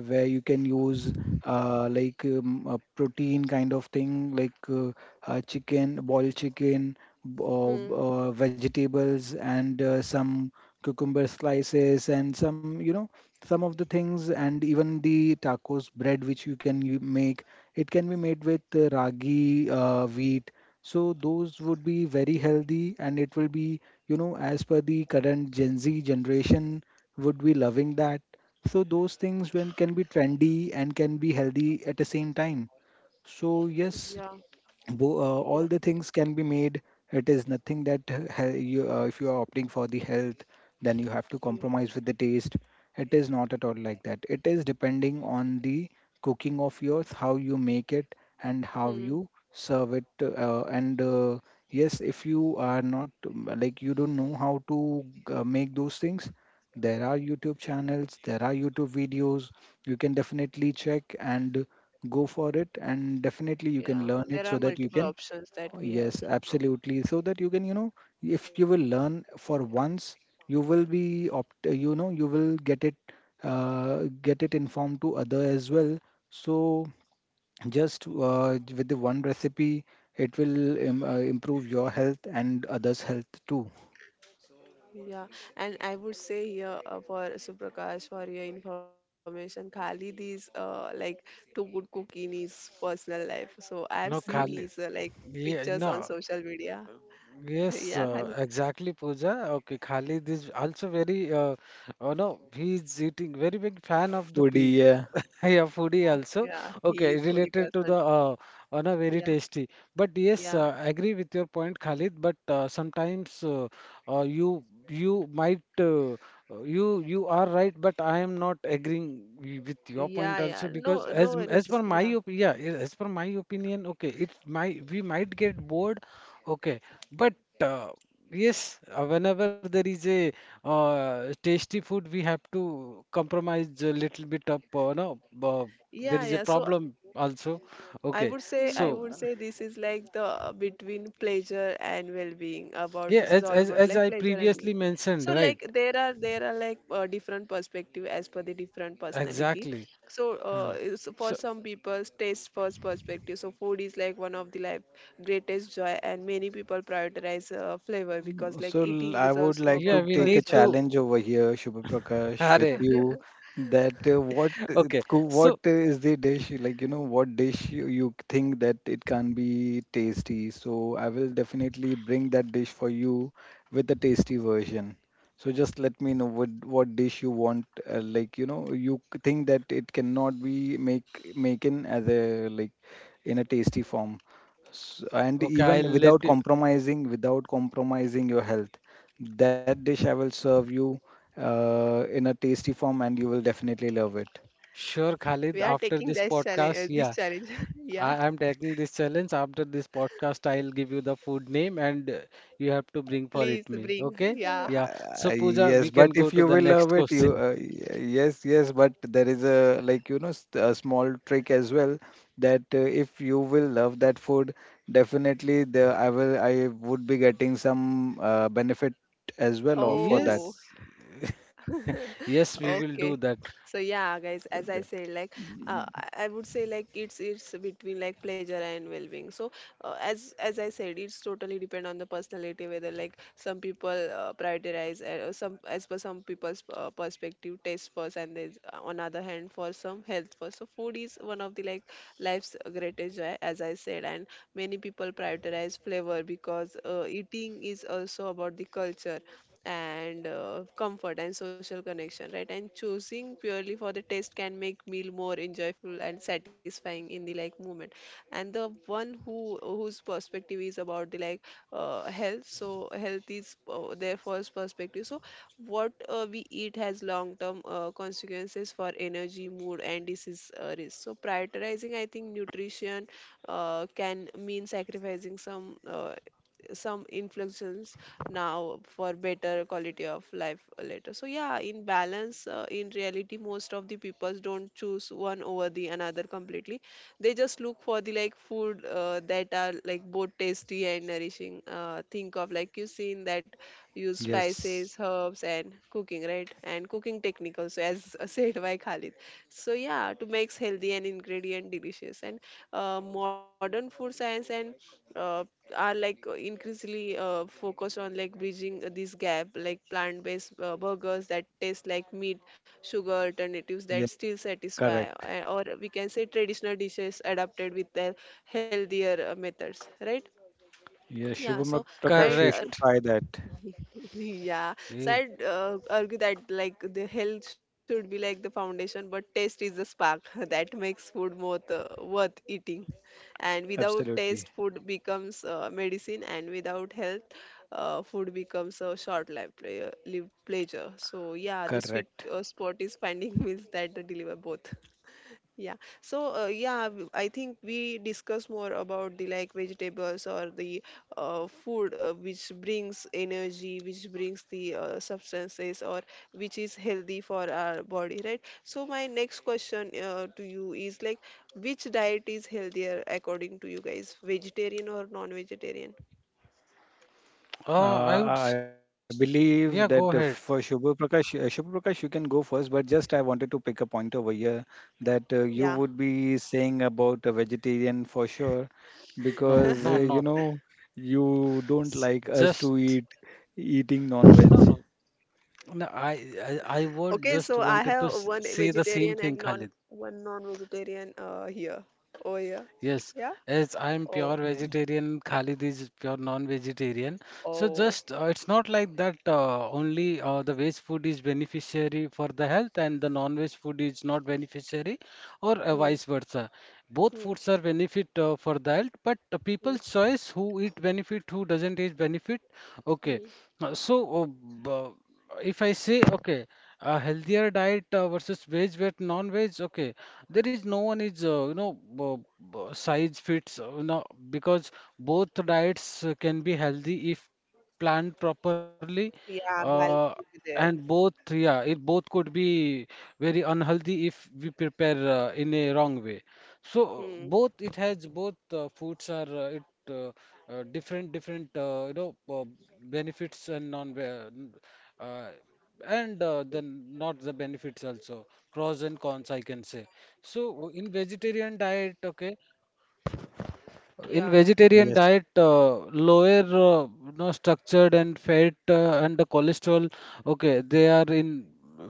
B: where you can use uh, like um, a protein kind of thing like uh, uh, chicken, boiled chicken, b- uh, b-
A: Mm,
B: uh, vegetables and uh, some cucumber slices and some you know some of the things, and even the tacos bread which you can you make, it can be made with uh, ragi, uh, wheat. So those would be very healthy and it will be you know, as per the current Gen Z generation would be loving that. So those things when can be trendy and can be healthy at the same time. So yes,
A: yeah,
B: bo- uh,
A: yeah,
B: all the things can be made. It is nothing that uh, he- you, uh, if you are opting for the health, then you have to
A: yeah.
B: compromise with the taste. It is not at all like that. It is depending on the cooking of yours, how you make it, and how
A: Mm,
B: you serve it. Uh, and uh, yes, if you are not um, like you don't know how to uh, make those things, there are YouTube channels, there are YouTube videos. You can definitely check and go for it and definitely you can
A: yeah.
B: learn it
A: There
B: so
A: are
B: that you
A: multiple
B: can,
A: options that we have
B: yes,
A: now.
B: absolutely, so that you can you know if you will learn for once, you will be opt you know you will get it, uh, get it informed to other as well. So just uh, with the one recipe it will im uh, improve your health and others health too.
A: Yeah, and I would say here uh, for Suprakash for your information, Khalid is uh, like too good cook in his personal life. So I've
C: No,
A: seen his
C: Khalid.
A: uh, like
C: Yeah,
A: pictures on
C: no.
A: social media.
C: Yes,
A: Yeah,
C: uh,
A: Khalid.
C: exactly, Pooja. Okay, Khalid is also very, uh, oh no, he's eating very big fan of the
B: Foodie,
C: pi.
B: yeah.
C: Yeah, foodie also.
A: Yeah, he
C: Okay,
A: is foodie
C: related to the
A: person.
C: uh, uh, no, very
A: Yeah,
C: tasty. But yes,
A: yeah,
C: uh, agree with your point, Khalid. But uh, sometimes uh, uh, you you might uh, uh, you you are right, but I am not agreeing wi- with your point
A: yeah,
C: also
A: yeah.
C: because
A: No,
C: as
A: no
C: m- as per
A: worries.
C: my
A: Yeah.
C: op yeah a- as per my opinion, okay, it might we might get bored, okay, but uh, yes, uh, whenever there is a uh, tasty food, we have to compromise a little bit of, uh, no, uh, there
A: Yeah,
C: is a
A: yeah. So
C: problem also.
A: I
C: Okay,
A: would say I
C: so
A: would say this is like the uh, between pleasure and well-being. About
C: yeah,
A: this is
C: as
A: all
C: as
A: about
C: as
A: like
C: I
A: pleasure and
C: previously
A: well-being.
C: mentioned,
A: So
C: right?
A: like there are there are like uh, different perspective as per the different personality.
C: Exactly.
A: So
C: Huh.
A: uh, it's for
C: So
A: some people taste first perspective. So food is like one of the life greatest joy, and many people prioritize uh, flavor because
B: Mm,
A: like
B: so l-
A: eating
B: I
A: is
B: would
A: also
B: like to
C: yeah,
A: about
C: we
B: take a
C: need
A: culture.
C: to.
B: challenge over here, Shubha Prakash, with
C: Arey,
B: you that uh, what uh,
C: okay.
B: cou- what
C: So
B: uh, is the dish, like you know what dish you, you think that it can be tasty. So I will definitely bring that dish for you with a tasty version. So just let me know what what dish you want, uh, like you know you c- think that it cannot be make making as a like in a tasty form. S- and
C: okay,
B: even
A: Hmm.
C: I'll let
B: without
C: you.
B: compromising, without compromising your health, that dish I will serve you uh, in a tasty form and you will definitely love it.
C: Sure,
A: We are
C: Khalid.
A: taking
C: After
A: this
C: this
A: challenge uh,
C: podcast,
A: this
C: yeah.
A: challenge yeah,
C: I am taking this challenge. After this podcast, I'll give you the food name and uh, you have to bring for
A: please
C: it me.
A: bring.
C: Okay?
A: Yeah.
C: Yeah.
B: uh,
C: So, Pooja,
B: yes,
C: we can
B: but if
C: go to
B: you
C: the
B: will love
C: next
B: it, you
C: question.
B: uh, y- yes, yes, but there is a like you know s- a small trick as well, that uh, if you will love that food, definitely the i will i would be getting some uh, benefit as well or for that.
A: Oh.
C: Yes. Yes, we will do
A: Okay.
C: that.
A: So yeah, guys, as I said, like uh, I I would say like it's it's between like pleasure and well-being. So uh, as as I said, it's totally depend on the personality, whether like some people uh, prioritize, uh, some as per some people's uh, perspective taste first, and there's uh, on other hand for some health first. So food is one of the like life's greatest joy, as I said, and many people prioritize flavor because uh, eating is also about the culture and uh, comfort and social connection, right? And choosing purely for the taste can make meal more enjoyable and satisfying in the like moment. And the one who whose perspective is about the like uh, health, so health is uh, their first perspective. So what uh, we eat has long term uh, consequences for energy, mood, and disease uh, risk. So prioritizing, I think, nutrition uh, can mean sacrificing some uh, some inflections now for better quality of life later. So yeah, in balance, uh, in reality, most of the peoples don't choose one over the another completely. They just look for the like food uh, that are like both tasty and nourishing. Uh, think of like you seen that use spices,
B: Yes.
A: herbs, and cooking, right? And cooking technique also, as uh, said by Khalid. So yeah, to makes healthy and ingredient delicious. And uh, modern food science and uh, are like uh, increasingly uh, focused on like bridging uh, this gap, like plant-based uh, burgers that taste like meat, sugar alternatives that
B: Yeah,
A: still satisfy,
B: correct.
A: uh, or we can say traditional dishes adapted with their healthier uh, methods, right?
B: Yeah,
A: Yeah, so
B: Shubham
A: I
B: Prakash, you
C: Correct.
B: should try that.
A: yeah, so
C: Eh,
A: I'd uh, argue that like the health should be like the foundation, but taste is the spark that makes food more uh, worth eating. And without taste,
B: Absolutely
A: food becomes uh, medicine, and without health, uh, food becomes a short-lived plea- lived pleasure. So yeah, the sweet uh,
B: correct.
A: spot is finding meals that deliver both. Yeah. So, uh, yeah, w- I think we discuss more about the like vegetables or the uh, food uh, which brings energy, which brings the uh, substances, or which is healthy for our body, right? So, my next question uh, to you is like, which diet is healthier according to you guys, vegetarian or non-vegetarian?
C: Uh, I would. s-
B: Uh, I
C: Yeah, go ahead.
B: believe that uh, for Shubham Prakash, uh, Shubham Prakash, you can go first, but just I wanted to pick a point over here that uh, you
A: Yeah.
B: would be saying about a vegetarian for sure,
C: No, no,
B: because uh,
C: not.
B: you know you don't
C: s-
B: like us
C: Just.
B: to eat eating
C: No,
B: non-veg.
C: no. No, I, I, I would
A: Okay,
C: just
A: so I
C: wanted to
A: have
C: s-
A: one
C: say the same
A: vegetarian
C: thing,
A: and
C: Khalid.
A: non one non-vegetarian uh, here. Oh, yeah.
C: Yes,
A: Yeah.
C: as I'm pure
A: Oh.
B: Yeah.
C: vegetarian, Khalid is pure non-vegetarian. So
A: Oh.
C: just uh, it's not like that uh, only uh, the veg food is beneficiary for the health and the non-veg food is not beneficiary or uh,
A: Hmm.
C: vice versa. Both
A: Hmm.
C: foods are benefit uh, for the health, but uh,
A: Hmm.
C: people's choice who eat benefit, who doesn't eat benefit. Okay,
A: Hmm.
C: Uh, so uh, b- if I say, okay, a healthier diet uh, versus veg with non-veg, okay, there is no one is, uh, you know, b- b- size fits, uh, you know, because both diets uh, can be healthy if planned properly,
A: Yeah,
C: uh,
A: balance will be
C: and both,
A: there.
C: yeah, it both could be very unhealthy if we prepare uh, in a wrong way. So
A: Hmm.
C: both it has both uh, foods are uh, it uh, uh, different different uh, you know uh, benefits and non uh, uh, and uh, then not the benefits also, pros and cons I can say. So in vegetarian diet, okay, in
A: Yeah.
C: vegetarian
B: Yes.
C: diet uh, lower uh, you know, structured and fat uh, and the cholesterol, okay, they are in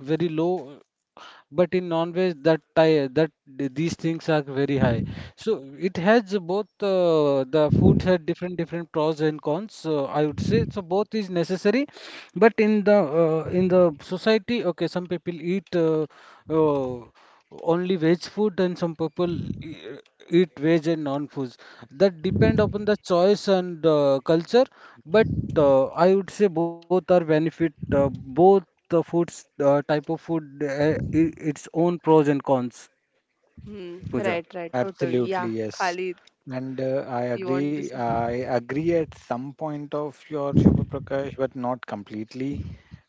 C: very low, but in non-veg that ti- that th- these things are very high. So it has both uh, the foods had different different pros and cons. So I would say so both is necessary, but in the uh, in the society, okay, some people eat uh, uh, only veg food and some people e- eat veg and non-foods. That depend upon the choice and uh, culture. But uh, I would say both are benefit. Uh, both the foods uh, type of food, uh, i- its own pros and cons.
A: Hmm. Right.
C: Pooja.
A: Right. Totally.
B: Absolutely,
A: Yeah.
B: yes.
A: Khalid,
B: And uh, I
A: you want to
B: agree.
A: say?
B: I agree at some point of your Shubha Prakash, but not completely.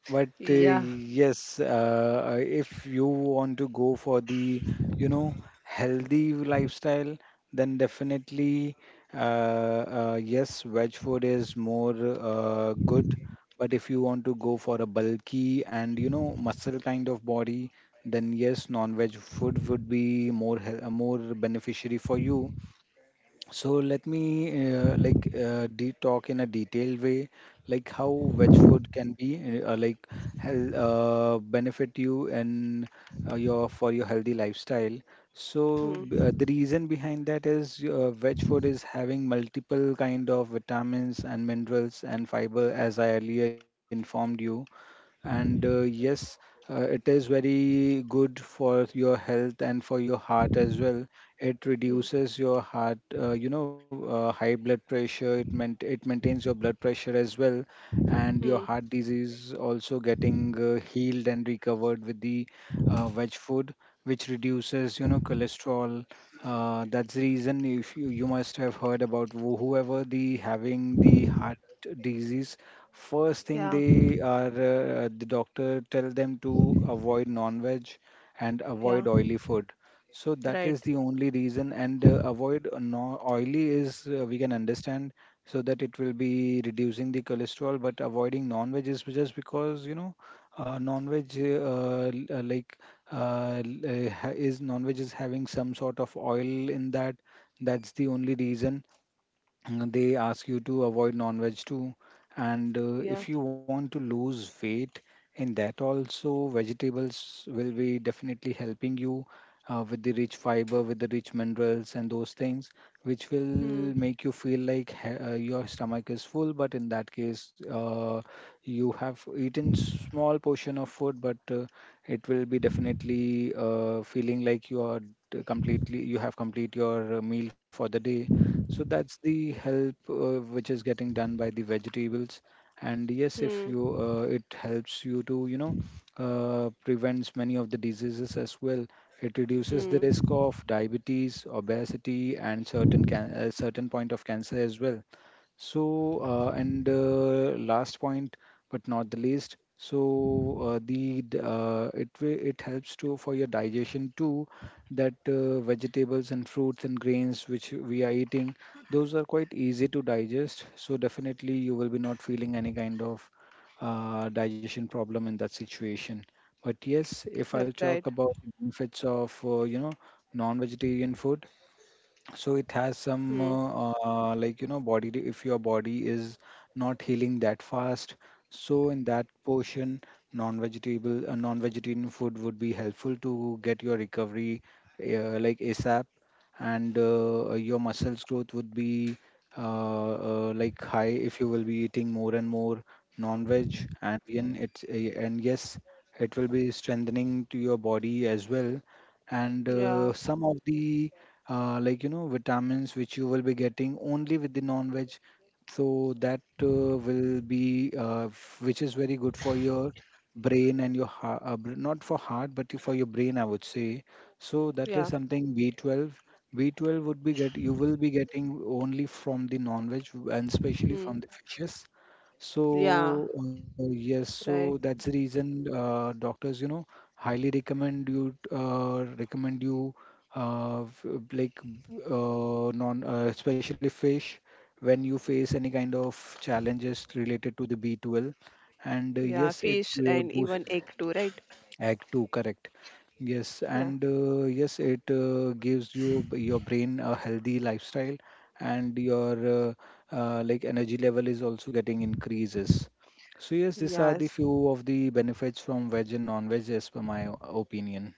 B: But uh,
A: Yeah.
B: yes, uh, if you want to go for the, you know, healthy lifestyle, then definitely, uh, uh, yes, veg food is more uh, good. But if you want to go for a bulky and, you know, muscle kind of body, then yes, non-veg food would be more, hel- uh, more beneficiary for you. So let me uh, like uh, de talk in a detailed way, like how veg food can be uh, like hel uh, benefit you and uh, your for your healthy lifestyle. So b-
A: Hmm.
B: uh, the reason behind that is uh, veg food is having multiple kind of vitamins and minerals and fiber, as I earlier informed you. And uh, yes, uh, it is very good for your health and for your heart as well. It
A: Hmm.
B: reduces your heart, uh, you know, uh, high blood pressure. It meant it maintains your blood pressure as well, and your
A: Hmm.
B: heart disease also getting uh, healed and recovered with the uh, veg food, which reduces, you know, cholesterol. Uh, that's the reason if you, you must have heard about who- whoever the having the heart disease. First thing
A: Yeah.
B: they are, uh, the doctor tell them to avoid non-veg and avoid
A: Yeah.
B: oily food. So that is
A: Right.
B: the only reason. And uh, avoid uh, no oily is uh, we can understand, so that it will be reducing the cholesterol. But avoiding non-veg is just because you know uh, non-veg uh, l- uh, like uh, l- uh, ha- is non-veg is having some sort of oil in that. That's the only reason, and they ask you to avoid non-veg too. And uh,
A: Yeah.
B: if you want to lose weight, in that also vegetables will be definitely helping you uh, with the rich fiber, with the rich minerals and those things, which will
A: Hmm.
B: make you feel like he- uh, your stomach is full. But in that case uh, you have eaten small portion of food, but uh, it will be definitely uh, feeling like you are d- completely you have complete your uh, meal for the day. So that's the help uh, which is getting done by the vegetables. And yes, if
A: Hmm.
B: you uh, it helps you to, you know, uh, prevents many of the diseases as well. It reduces the
A: Hmm.
B: risk of diabetes, obesity, and certain can uh, certain point of cancer as well. So, uh, and uh, last point, but not the least, so uh, the d- uh, it wi- it helps to for your digestion too, that uh, vegetables and fruits and grains which we are eating, those are quite easy to digest. So definitely you will be not feeling any kind of uh, digestion problem in that situation. But yes, if I'll
A: Right.
B: talk about the benefits of uh, you know non-vegetarian food, so it has
A: Hmm.
B: some uh, uh, like you know body if your body is not healing that fast, so in that portion non-vegetable uh, non-vegetarian food would be helpful to get your recovery uh, like asap. And uh, uh, your muscles growth would be uh, uh, like high if you will be eating more and more non-veg. And in it uh, and yes, it will be strengthening to your body as well. And
A: Yeah.
B: uh, some of the uh, like you know vitamins which you will be getting only with the non-veg, so that uh, will be uh, f- which is very good for your brain and your heart uh, br- not for heart but for your brain I would say. So that
A: Yeah.
B: is something B twelve. B twelve would be get you will be getting only from the non-veg, and especially
A: Hmm.
B: from the fishes.
A: Yeah.
B: So, uh, yes, so that's the
A: Right.
B: reason uh, doctors, you know, highly recommend you uh, recommend you uh, f- like uh, non uh, especially fish when you face any kind of challenges related to the B twelve. And uh,
A: Yeah.
B: yes, it
A: Fish
B: uh,
A: and even
B: boosts
A: egg too. Right.
B: egg two, correct. Yes,
A: Yeah.
B: and uh, yes, it uh, gives you b- your brain a healthy lifestyle. And your uh, uh, like energy level is also getting increases. So yes, these are the
A: Yes.
B: few of the benefits from veg and non-veg as per my opinion.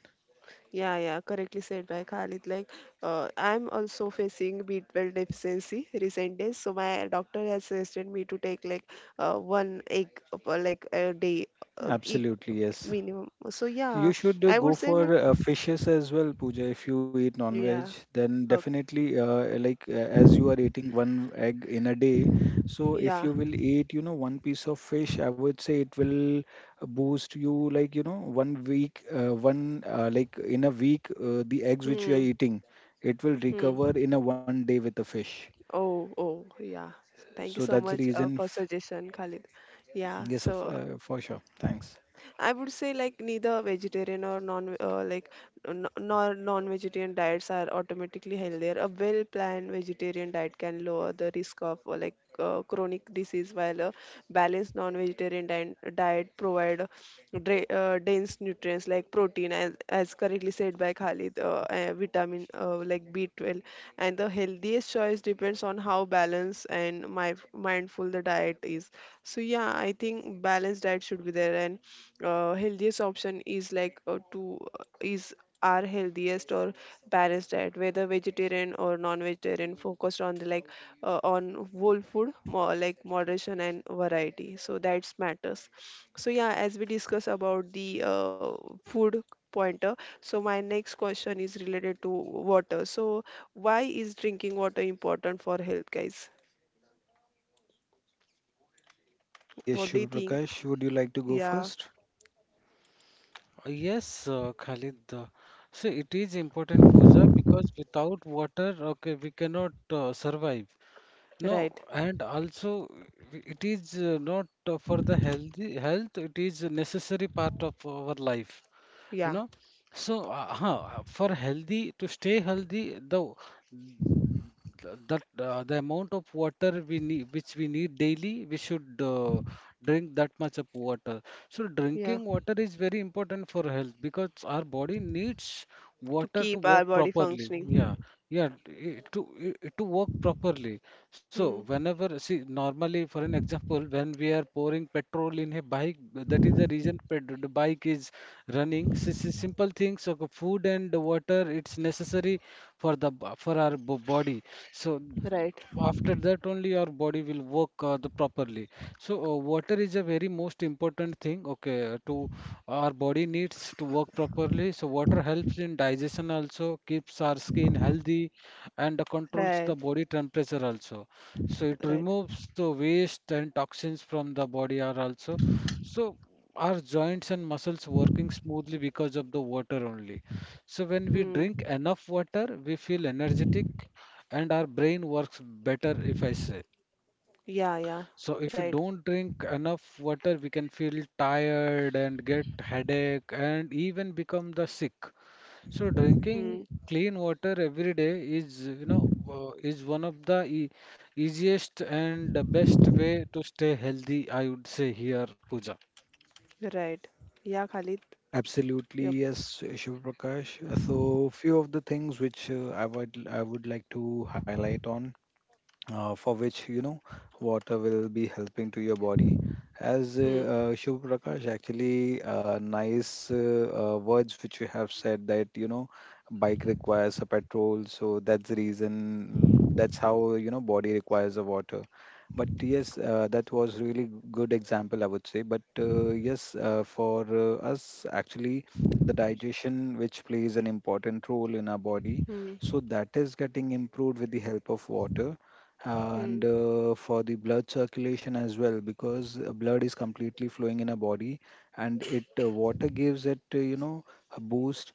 A: Yeah, yeah, correctly said by Khalid. Like, uh, I'm also facing B twelve deficiency recent days, so my doctor has suggested me to take like uh, one egg per like a day uh, e-
B: Absolutely, yes.
A: minimum. So yeah,
B: You should
A: I
B: uh,
A: would
B: go
A: say like
B: for uh, fishes as well, Pooja. If you eat non-veg,
A: yeah,
B: then
A: uh,
B: definitely, uh, like uh, as you are eating one egg in a day, so if
A: yeah.
B: you will eat, you know, one piece of fish, I would say it will boost you like, you know, one week, uh, one uh, like in a week, uh, the eggs which you
A: Hmm.
B: are eating, it will
A: Hmm.
B: recover in a one day with the fish.
A: Oh, oh, yeah.
B: So
A: Thank you so
B: that's the
A: much uh,
B: reason.
A: for
B: f-
A: suggestion, Khalid. Yeah.
B: Yes, of,
A: So
B: uh, for sure. Thanks.
A: I would say like neither vegetarian or non uh, like n- nor non-vegetarian diets are automatically healthier. A well-planned vegetarian diet can lower the risk of uh, like uh, chronic disease, while a balanced non-vegetarian din- diet provide dra- uh, dense nutrients like protein, as as correctly said by Khalid, uh, uh, vitamin uh, like B twelve, and the healthiest choice depends on how balanced and my mindful the diet is. So yeah, I think balanced diet should be there, and uh, healthiest option is like uh, to uh, is our healthiest or balanced diet, whether vegetarian or non-vegetarian, focused on the like uh, on whole food, more like moderation and variety, so that's matters. So yeah, as we discuss about the uh, food pointer, so my next question is related to water. So why is drinking water important for health, guys?
B: Yes,
A: What do you
B: Shubh
A: think?
B: Prakash, would you like to go
A: Yeah,
B: first?
C: Yes, uh, Khalid. Uh, so it is important, Pooja, because without water, okay, we cannot uh, survive. No,
A: right.
C: and also w- it is uh, not uh, for the healthy health. It is a necessary part of our life, you
A: Yeah,
C: know. So, uh, huh, for healthy to stay healthy, the that uh, the amount of water we need, which we need daily, we should uh, drink that much of water. So,
A: yeah,
C: drinking water is very important for health because our body needs
A: to
C: water to
A: keep our
C: work
A: body
C: properly.
A: functioning.
C: Yeah, yeah, i- to i- to work properly. So
A: Hmm.
C: whenever, see, normally for an example, when we are pouring petrol in a bike, that is the reason pet, the bike is running. Si- si- simple things, okay, food and water, it's necessary for the b- for our bo- body. So
A: Right.
C: after that only our body will work uh, the properly. So uh, water is a very most important thing, okay, to our body needs to work properly. So water helps in digestion also, keeps our skin healthy, and controls the
A: Right.
C: body temperature also. So it
A: Right.
C: removes the waste and toxins from the body are also. So our joints and muscles working smoothly because of the water only. So when we
A: Hmm.
C: drink enough water, we feel energetic and our brain works better if I say.
A: Yeah. Yeah.
C: So if we
A: Right.
C: don't drink enough water, we can feel tired and get headache and even become the sick. So
A: Hmm.
C: drinking clean water every day is, you know, uh, is one of the e easiest and the best way to stay healthy, I would say here, Pooja.
A: Right. Yeah, Khalid. Yup.
B: Absolutely, yes, Shiv Prakash. Uh, So, few of the things which uh, I would I would like to highlight on uh, for which you know water will be helping to your body. As uh,
A: Hmm.
B: uh, Shiv Prakash actually uh, nice uh, uh, words which you have said, that you know bike requires a petrol, so that's the reason mm, that's how you know body requires the water. But yes, uh, that was really good example I would say. But uh, yes, uh, for uh, us actually, the digestion which plays an important role in our body,
A: Hmm.
B: so that is getting improved with the help of water.
A: Hmm.
B: And uh, for the blood circulation as well, because uh, blood is completely flowing in a body, and it uh, water gives it uh, you know a boost,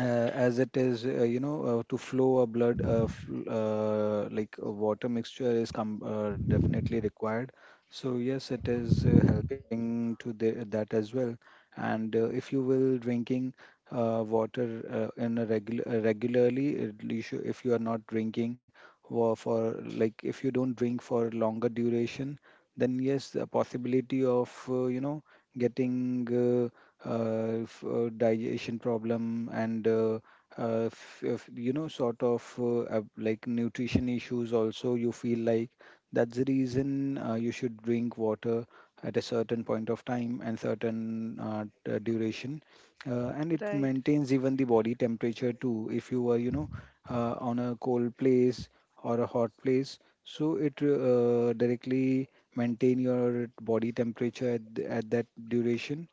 B: uh, as it is uh, you know uh, to flow a blood uh, fl- uh, like a water mixture is com- uh, definitely required. So yes, it is uh, helping to the- that as well. And uh, if you will drinking uh, water uh, in a regular uh, regularly it, you should, if you are not drinking wa- for like if you don't drink for longer duration, then yes, the possibility of uh, you know getting uh, uh, f- uh, digestion problem, and uh, uh, f- f- you know sort of uh, ab- like nutrition issues also. You feel like that's the reason uh, you should drink water at a certain point of time and certain uh, d- duration. Uh, and it
A: Right.
B: maintains even the body temperature too, if you were you know uh, on a cold place or a hot place. So it uh, directly maintain your body temperature at, th- at that duration.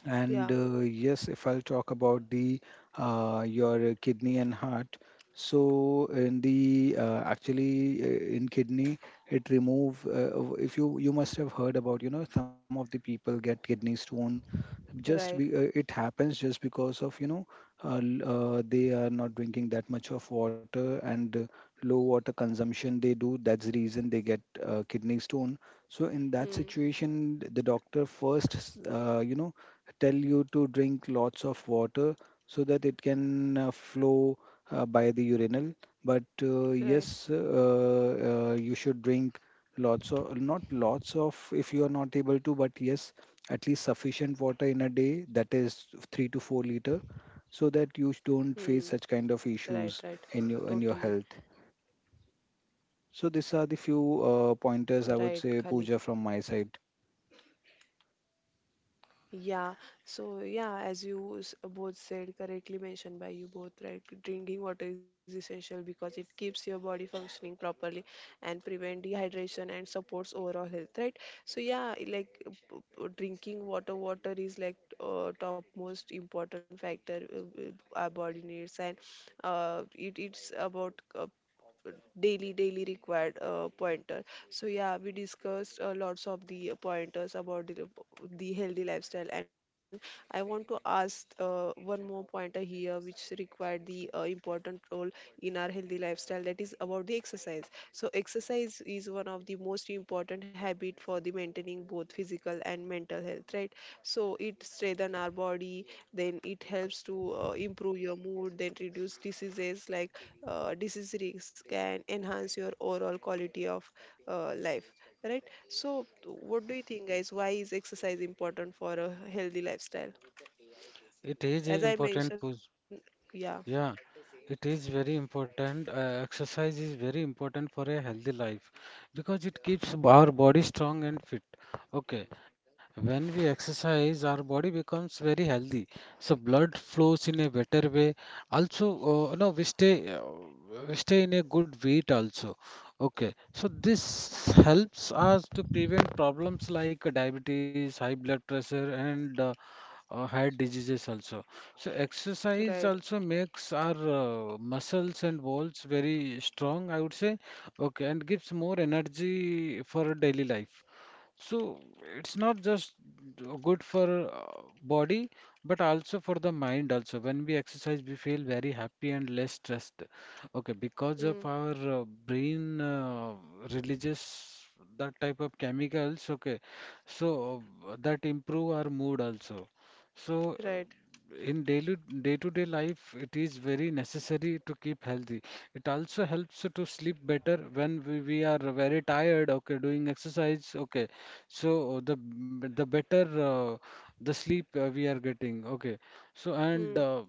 A: Yeah.
B: And uh, yes, if I'll talk about the uh, your kidney and heart. So in the uh, actually uh, in kidney, it remove uh, if you you must have heard about you know some of the people get kidney stone, just be,
A: Right.
B: uh, it happens just because of you know uh, l- uh, they are not drinking that much of water, and uh, low water consumption they do, that's the reason they get uh, kidney stone. So in that
A: Hmm.
B: situation the doctor first s- uh, you know tell you to drink lots of water so that it can uh, flow uh, by the urinal. But uh,
A: Right.
B: yes uh, uh, you should drink lots of not lots of if you are not able to, but yes, at least sufficient water in a day, that is three to four liter, so that you don't face
A: Hmm.
B: such kind of
A: Right.
B: issues
A: Right.
B: in your in your
A: Totally.
B: health. So these are the few uh, pointers I would
A: Right,
B: say,
A: Khalid.
B: Pooja, from my side.
A: Yeah, so yeah, as you s- both said, correctly mentioned by you both, right? Drinking water is essential because it keeps your body functioning properly and prevent dehydration and supports overall health, right? So yeah, like uh, p- p- drinking water, water is like uh, top most important factor, uh, uh, our body needs, and uh, it it's about uh, daily daily required uh, pointer. So yeah, we discussed uh, lots of the pointers about the, the healthy lifestyle, and I want to ask uh, one more pointer here, which required the uh, important role in our healthy lifestyle, that is about the exercise. So exercise is one of the most important habit for the maintaining both physical and mental health, right? So it strengthens our body, then it helps to uh, improve your mood, then reduce diseases like uh, disease risk, can enhance your overall quality of uh, life, right? So what do you think, guys, why is exercise important for a healthy lifestyle,
C: It is
A: as I
C: important,
A: mentioned?
C: Pooja.
A: Yeah,
C: Yeah, it is very important. Uh, exercise is very important for a healthy life because it keeps b- our body strong and fit. Okay, when we exercise, our body becomes very healthy. So blood flows in a better way. Also, uh, no, we stay uh, we stay in a good weight also. Okay, so this helps us to prevent problems like uh, diabetes, high blood pressure, and uh, uh, heart diseases also. So
A: right.
C: exercise also makes our uh, muscles and bones very strong, I would say. Okay, and gives more energy for daily life. So it's not just good for uh, body, but also for the mind also. When we exercise, we feel very happy and less stressed. Okay, because
A: Mm,
C: of our uh, brain uh, releases that type of chemicals, okay, so uh, that improve our mood also. So uh,
A: right.
C: in daily day-to-day life, it is very necessary to keep healthy. It also helps to sleep better when we, we are very tired, okay, doing exercise, okay. So uh, the b- the better uh, the sleep uh, we are getting. Okay. So and
A: Mm,
C: uh,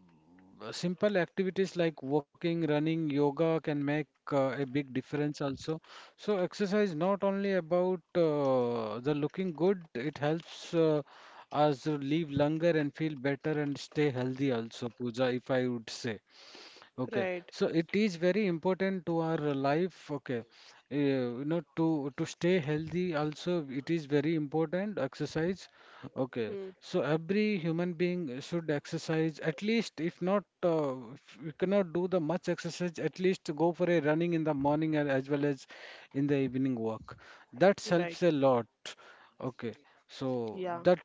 C: simple activities like walking, running, yoga can make uh, a big difference also. So exercise not only about uh, the looking good, it helps uh, us live longer and feel better and stay healthy also, Pooja, if I would say. Okay,
A: right.
C: so it is very important to our life. Okay, Uh, you know, to to stay healthy also, it is very important exercise. Okay,
A: Mm,
C: so every human being should exercise at least if not uh, if you cannot do the much exercise, at least go for a running in the morning and as well as in the evening walk. That helps
A: right.
C: a lot. Okay, so
A: Yeah,
C: that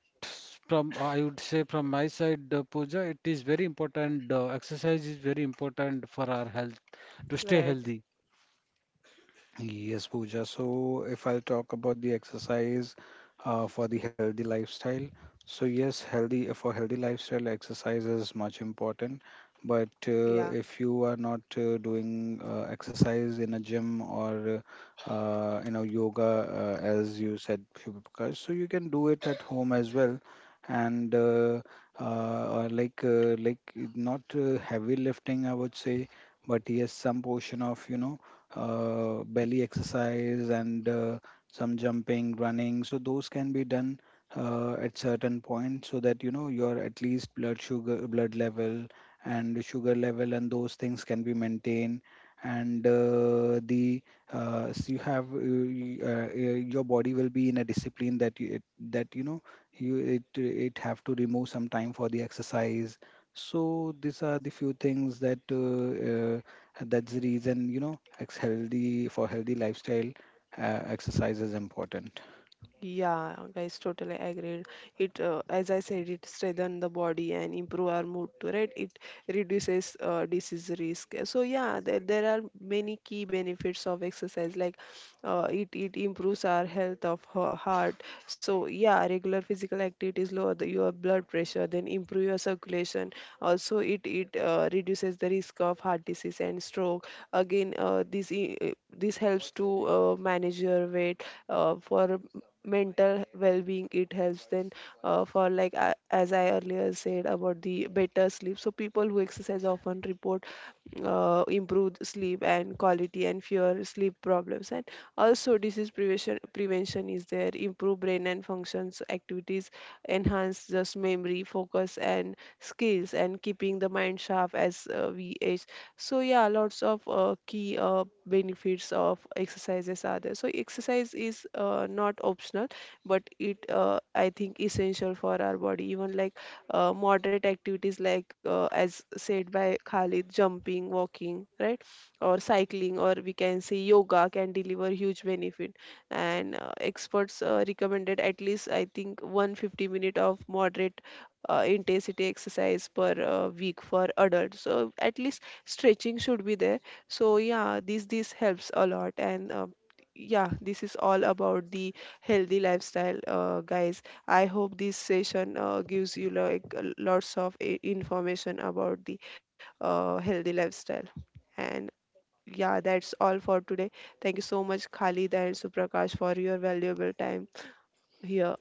C: from I would say from my side, uh, Pooja, it is very important. Uh, exercise is very important for our health to stay
A: right.
C: healthy.
B: Yes, Pooja. So, if I'll talk about the exercise uh, for the healthy lifestyle, so yes, healthy for healthy lifestyle, exercise is much important. But uh,
A: Yeah.
B: if you are not uh, doing uh, exercise in a gym or uh, uh, you know yoga, uh, as you said, Shubham, so you can do it at home as well. And uh, uh, like uh, like not uh, heavy lifting, I would say, but yes, some portion of you know uh, belly exercise, and uh, some jumping, running. So those can be done uh, at certain point, so that you know your at least blood sugar, blood level, and sugar level, and those things can be maintained. And uh, the uh, so you have uh, y- uh, uh, your body will be in a discipline that you, it, that you know you it it have to remove some time for the exercise. So these are the few things that. Uh, uh, and that's the reason, you know, ex- healthy for healthy lifestyle, uh, exercise is important.
A: Yeah, guys, totally agreed. It, uh, as I said, it strengthens the body and improve our mood too, right? It reduces uh, disease risk. So yeah, there, there are many key benefits of exercise. Like, uh, it it improves our health of her heart. So yeah, regular physical activities lower the, your blood pressure, then improve your circulation. Also, it it uh, reduces the risk of heart disease and stroke. Again, uh, this i- this helps to uh, manage your weight uh, for mental well-being, it helps. Then uh, for like, uh, as I earlier said about the better sleep, so people who exercise often report uh, improved sleep and quality and fewer sleep problems. And also disease prevention prevention is there, improve brain and functions activities, enhance just memory focus and skills, and keeping the mind sharp as uh, we age. So yeah, lots of uh, key uh, benefits of exercises are there. So exercise is uh, not optional, but it uh, I think essential for our body. Even like uh, moderate activities like, uh, as said by Khalid, jumping, walking, right? Or cycling, or we can say yoga, can deliver huge benefit. And uh, experts uh, recommended at least, I think, one hundred fifty minute of moderate uh, intensity exercise per uh, week for adults. So at least stretching should be there. So yeah, this this helps a lot. And uh, yeah, this is all about the healthy lifestyle, uh, guys. I hope this session uh, gives you like a- lots of i- information about the uh, healthy lifestyle. And yeah, that's all for today. Thank you so much, Khalid and Suprakash, for your valuable time here.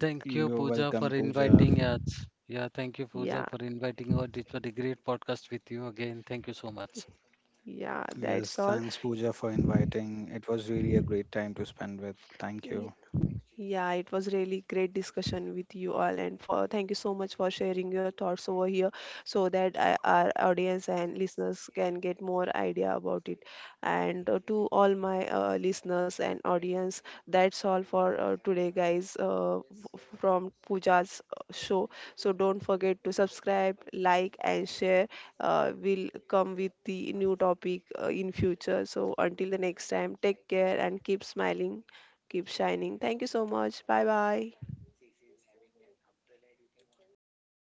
C: Thank you,
B: You're
C: Pooja,
B: welcome,
C: for
B: Pooja.
C: inviting us. Yeah, thank you,
A: Yeah,
C: Pooja, for inviting us. It was a great podcast with you again. Thank you so much.
A: yeah,
B: Yes,
A: that's all.
B: thanks, Pooja, for inviting. It was really a great time to spend with. Thank
A: Yeah.
B: you.
A: Yeah, it was really great discussion with you all, and for thank you so much for sharing your thoughts over here, so that I, our audience and listeners can get more idea about it. And uh, to all my uh, listeners and audience, that's all for uh, today, guys. Uh, f- from Pooja's uh, show, so don't forget to subscribe, like, and share. Uh, we'll come with the new topic uh, in future. So until the next time, take care and keep smiling. Keep shining. Thank you so much. Bye bye.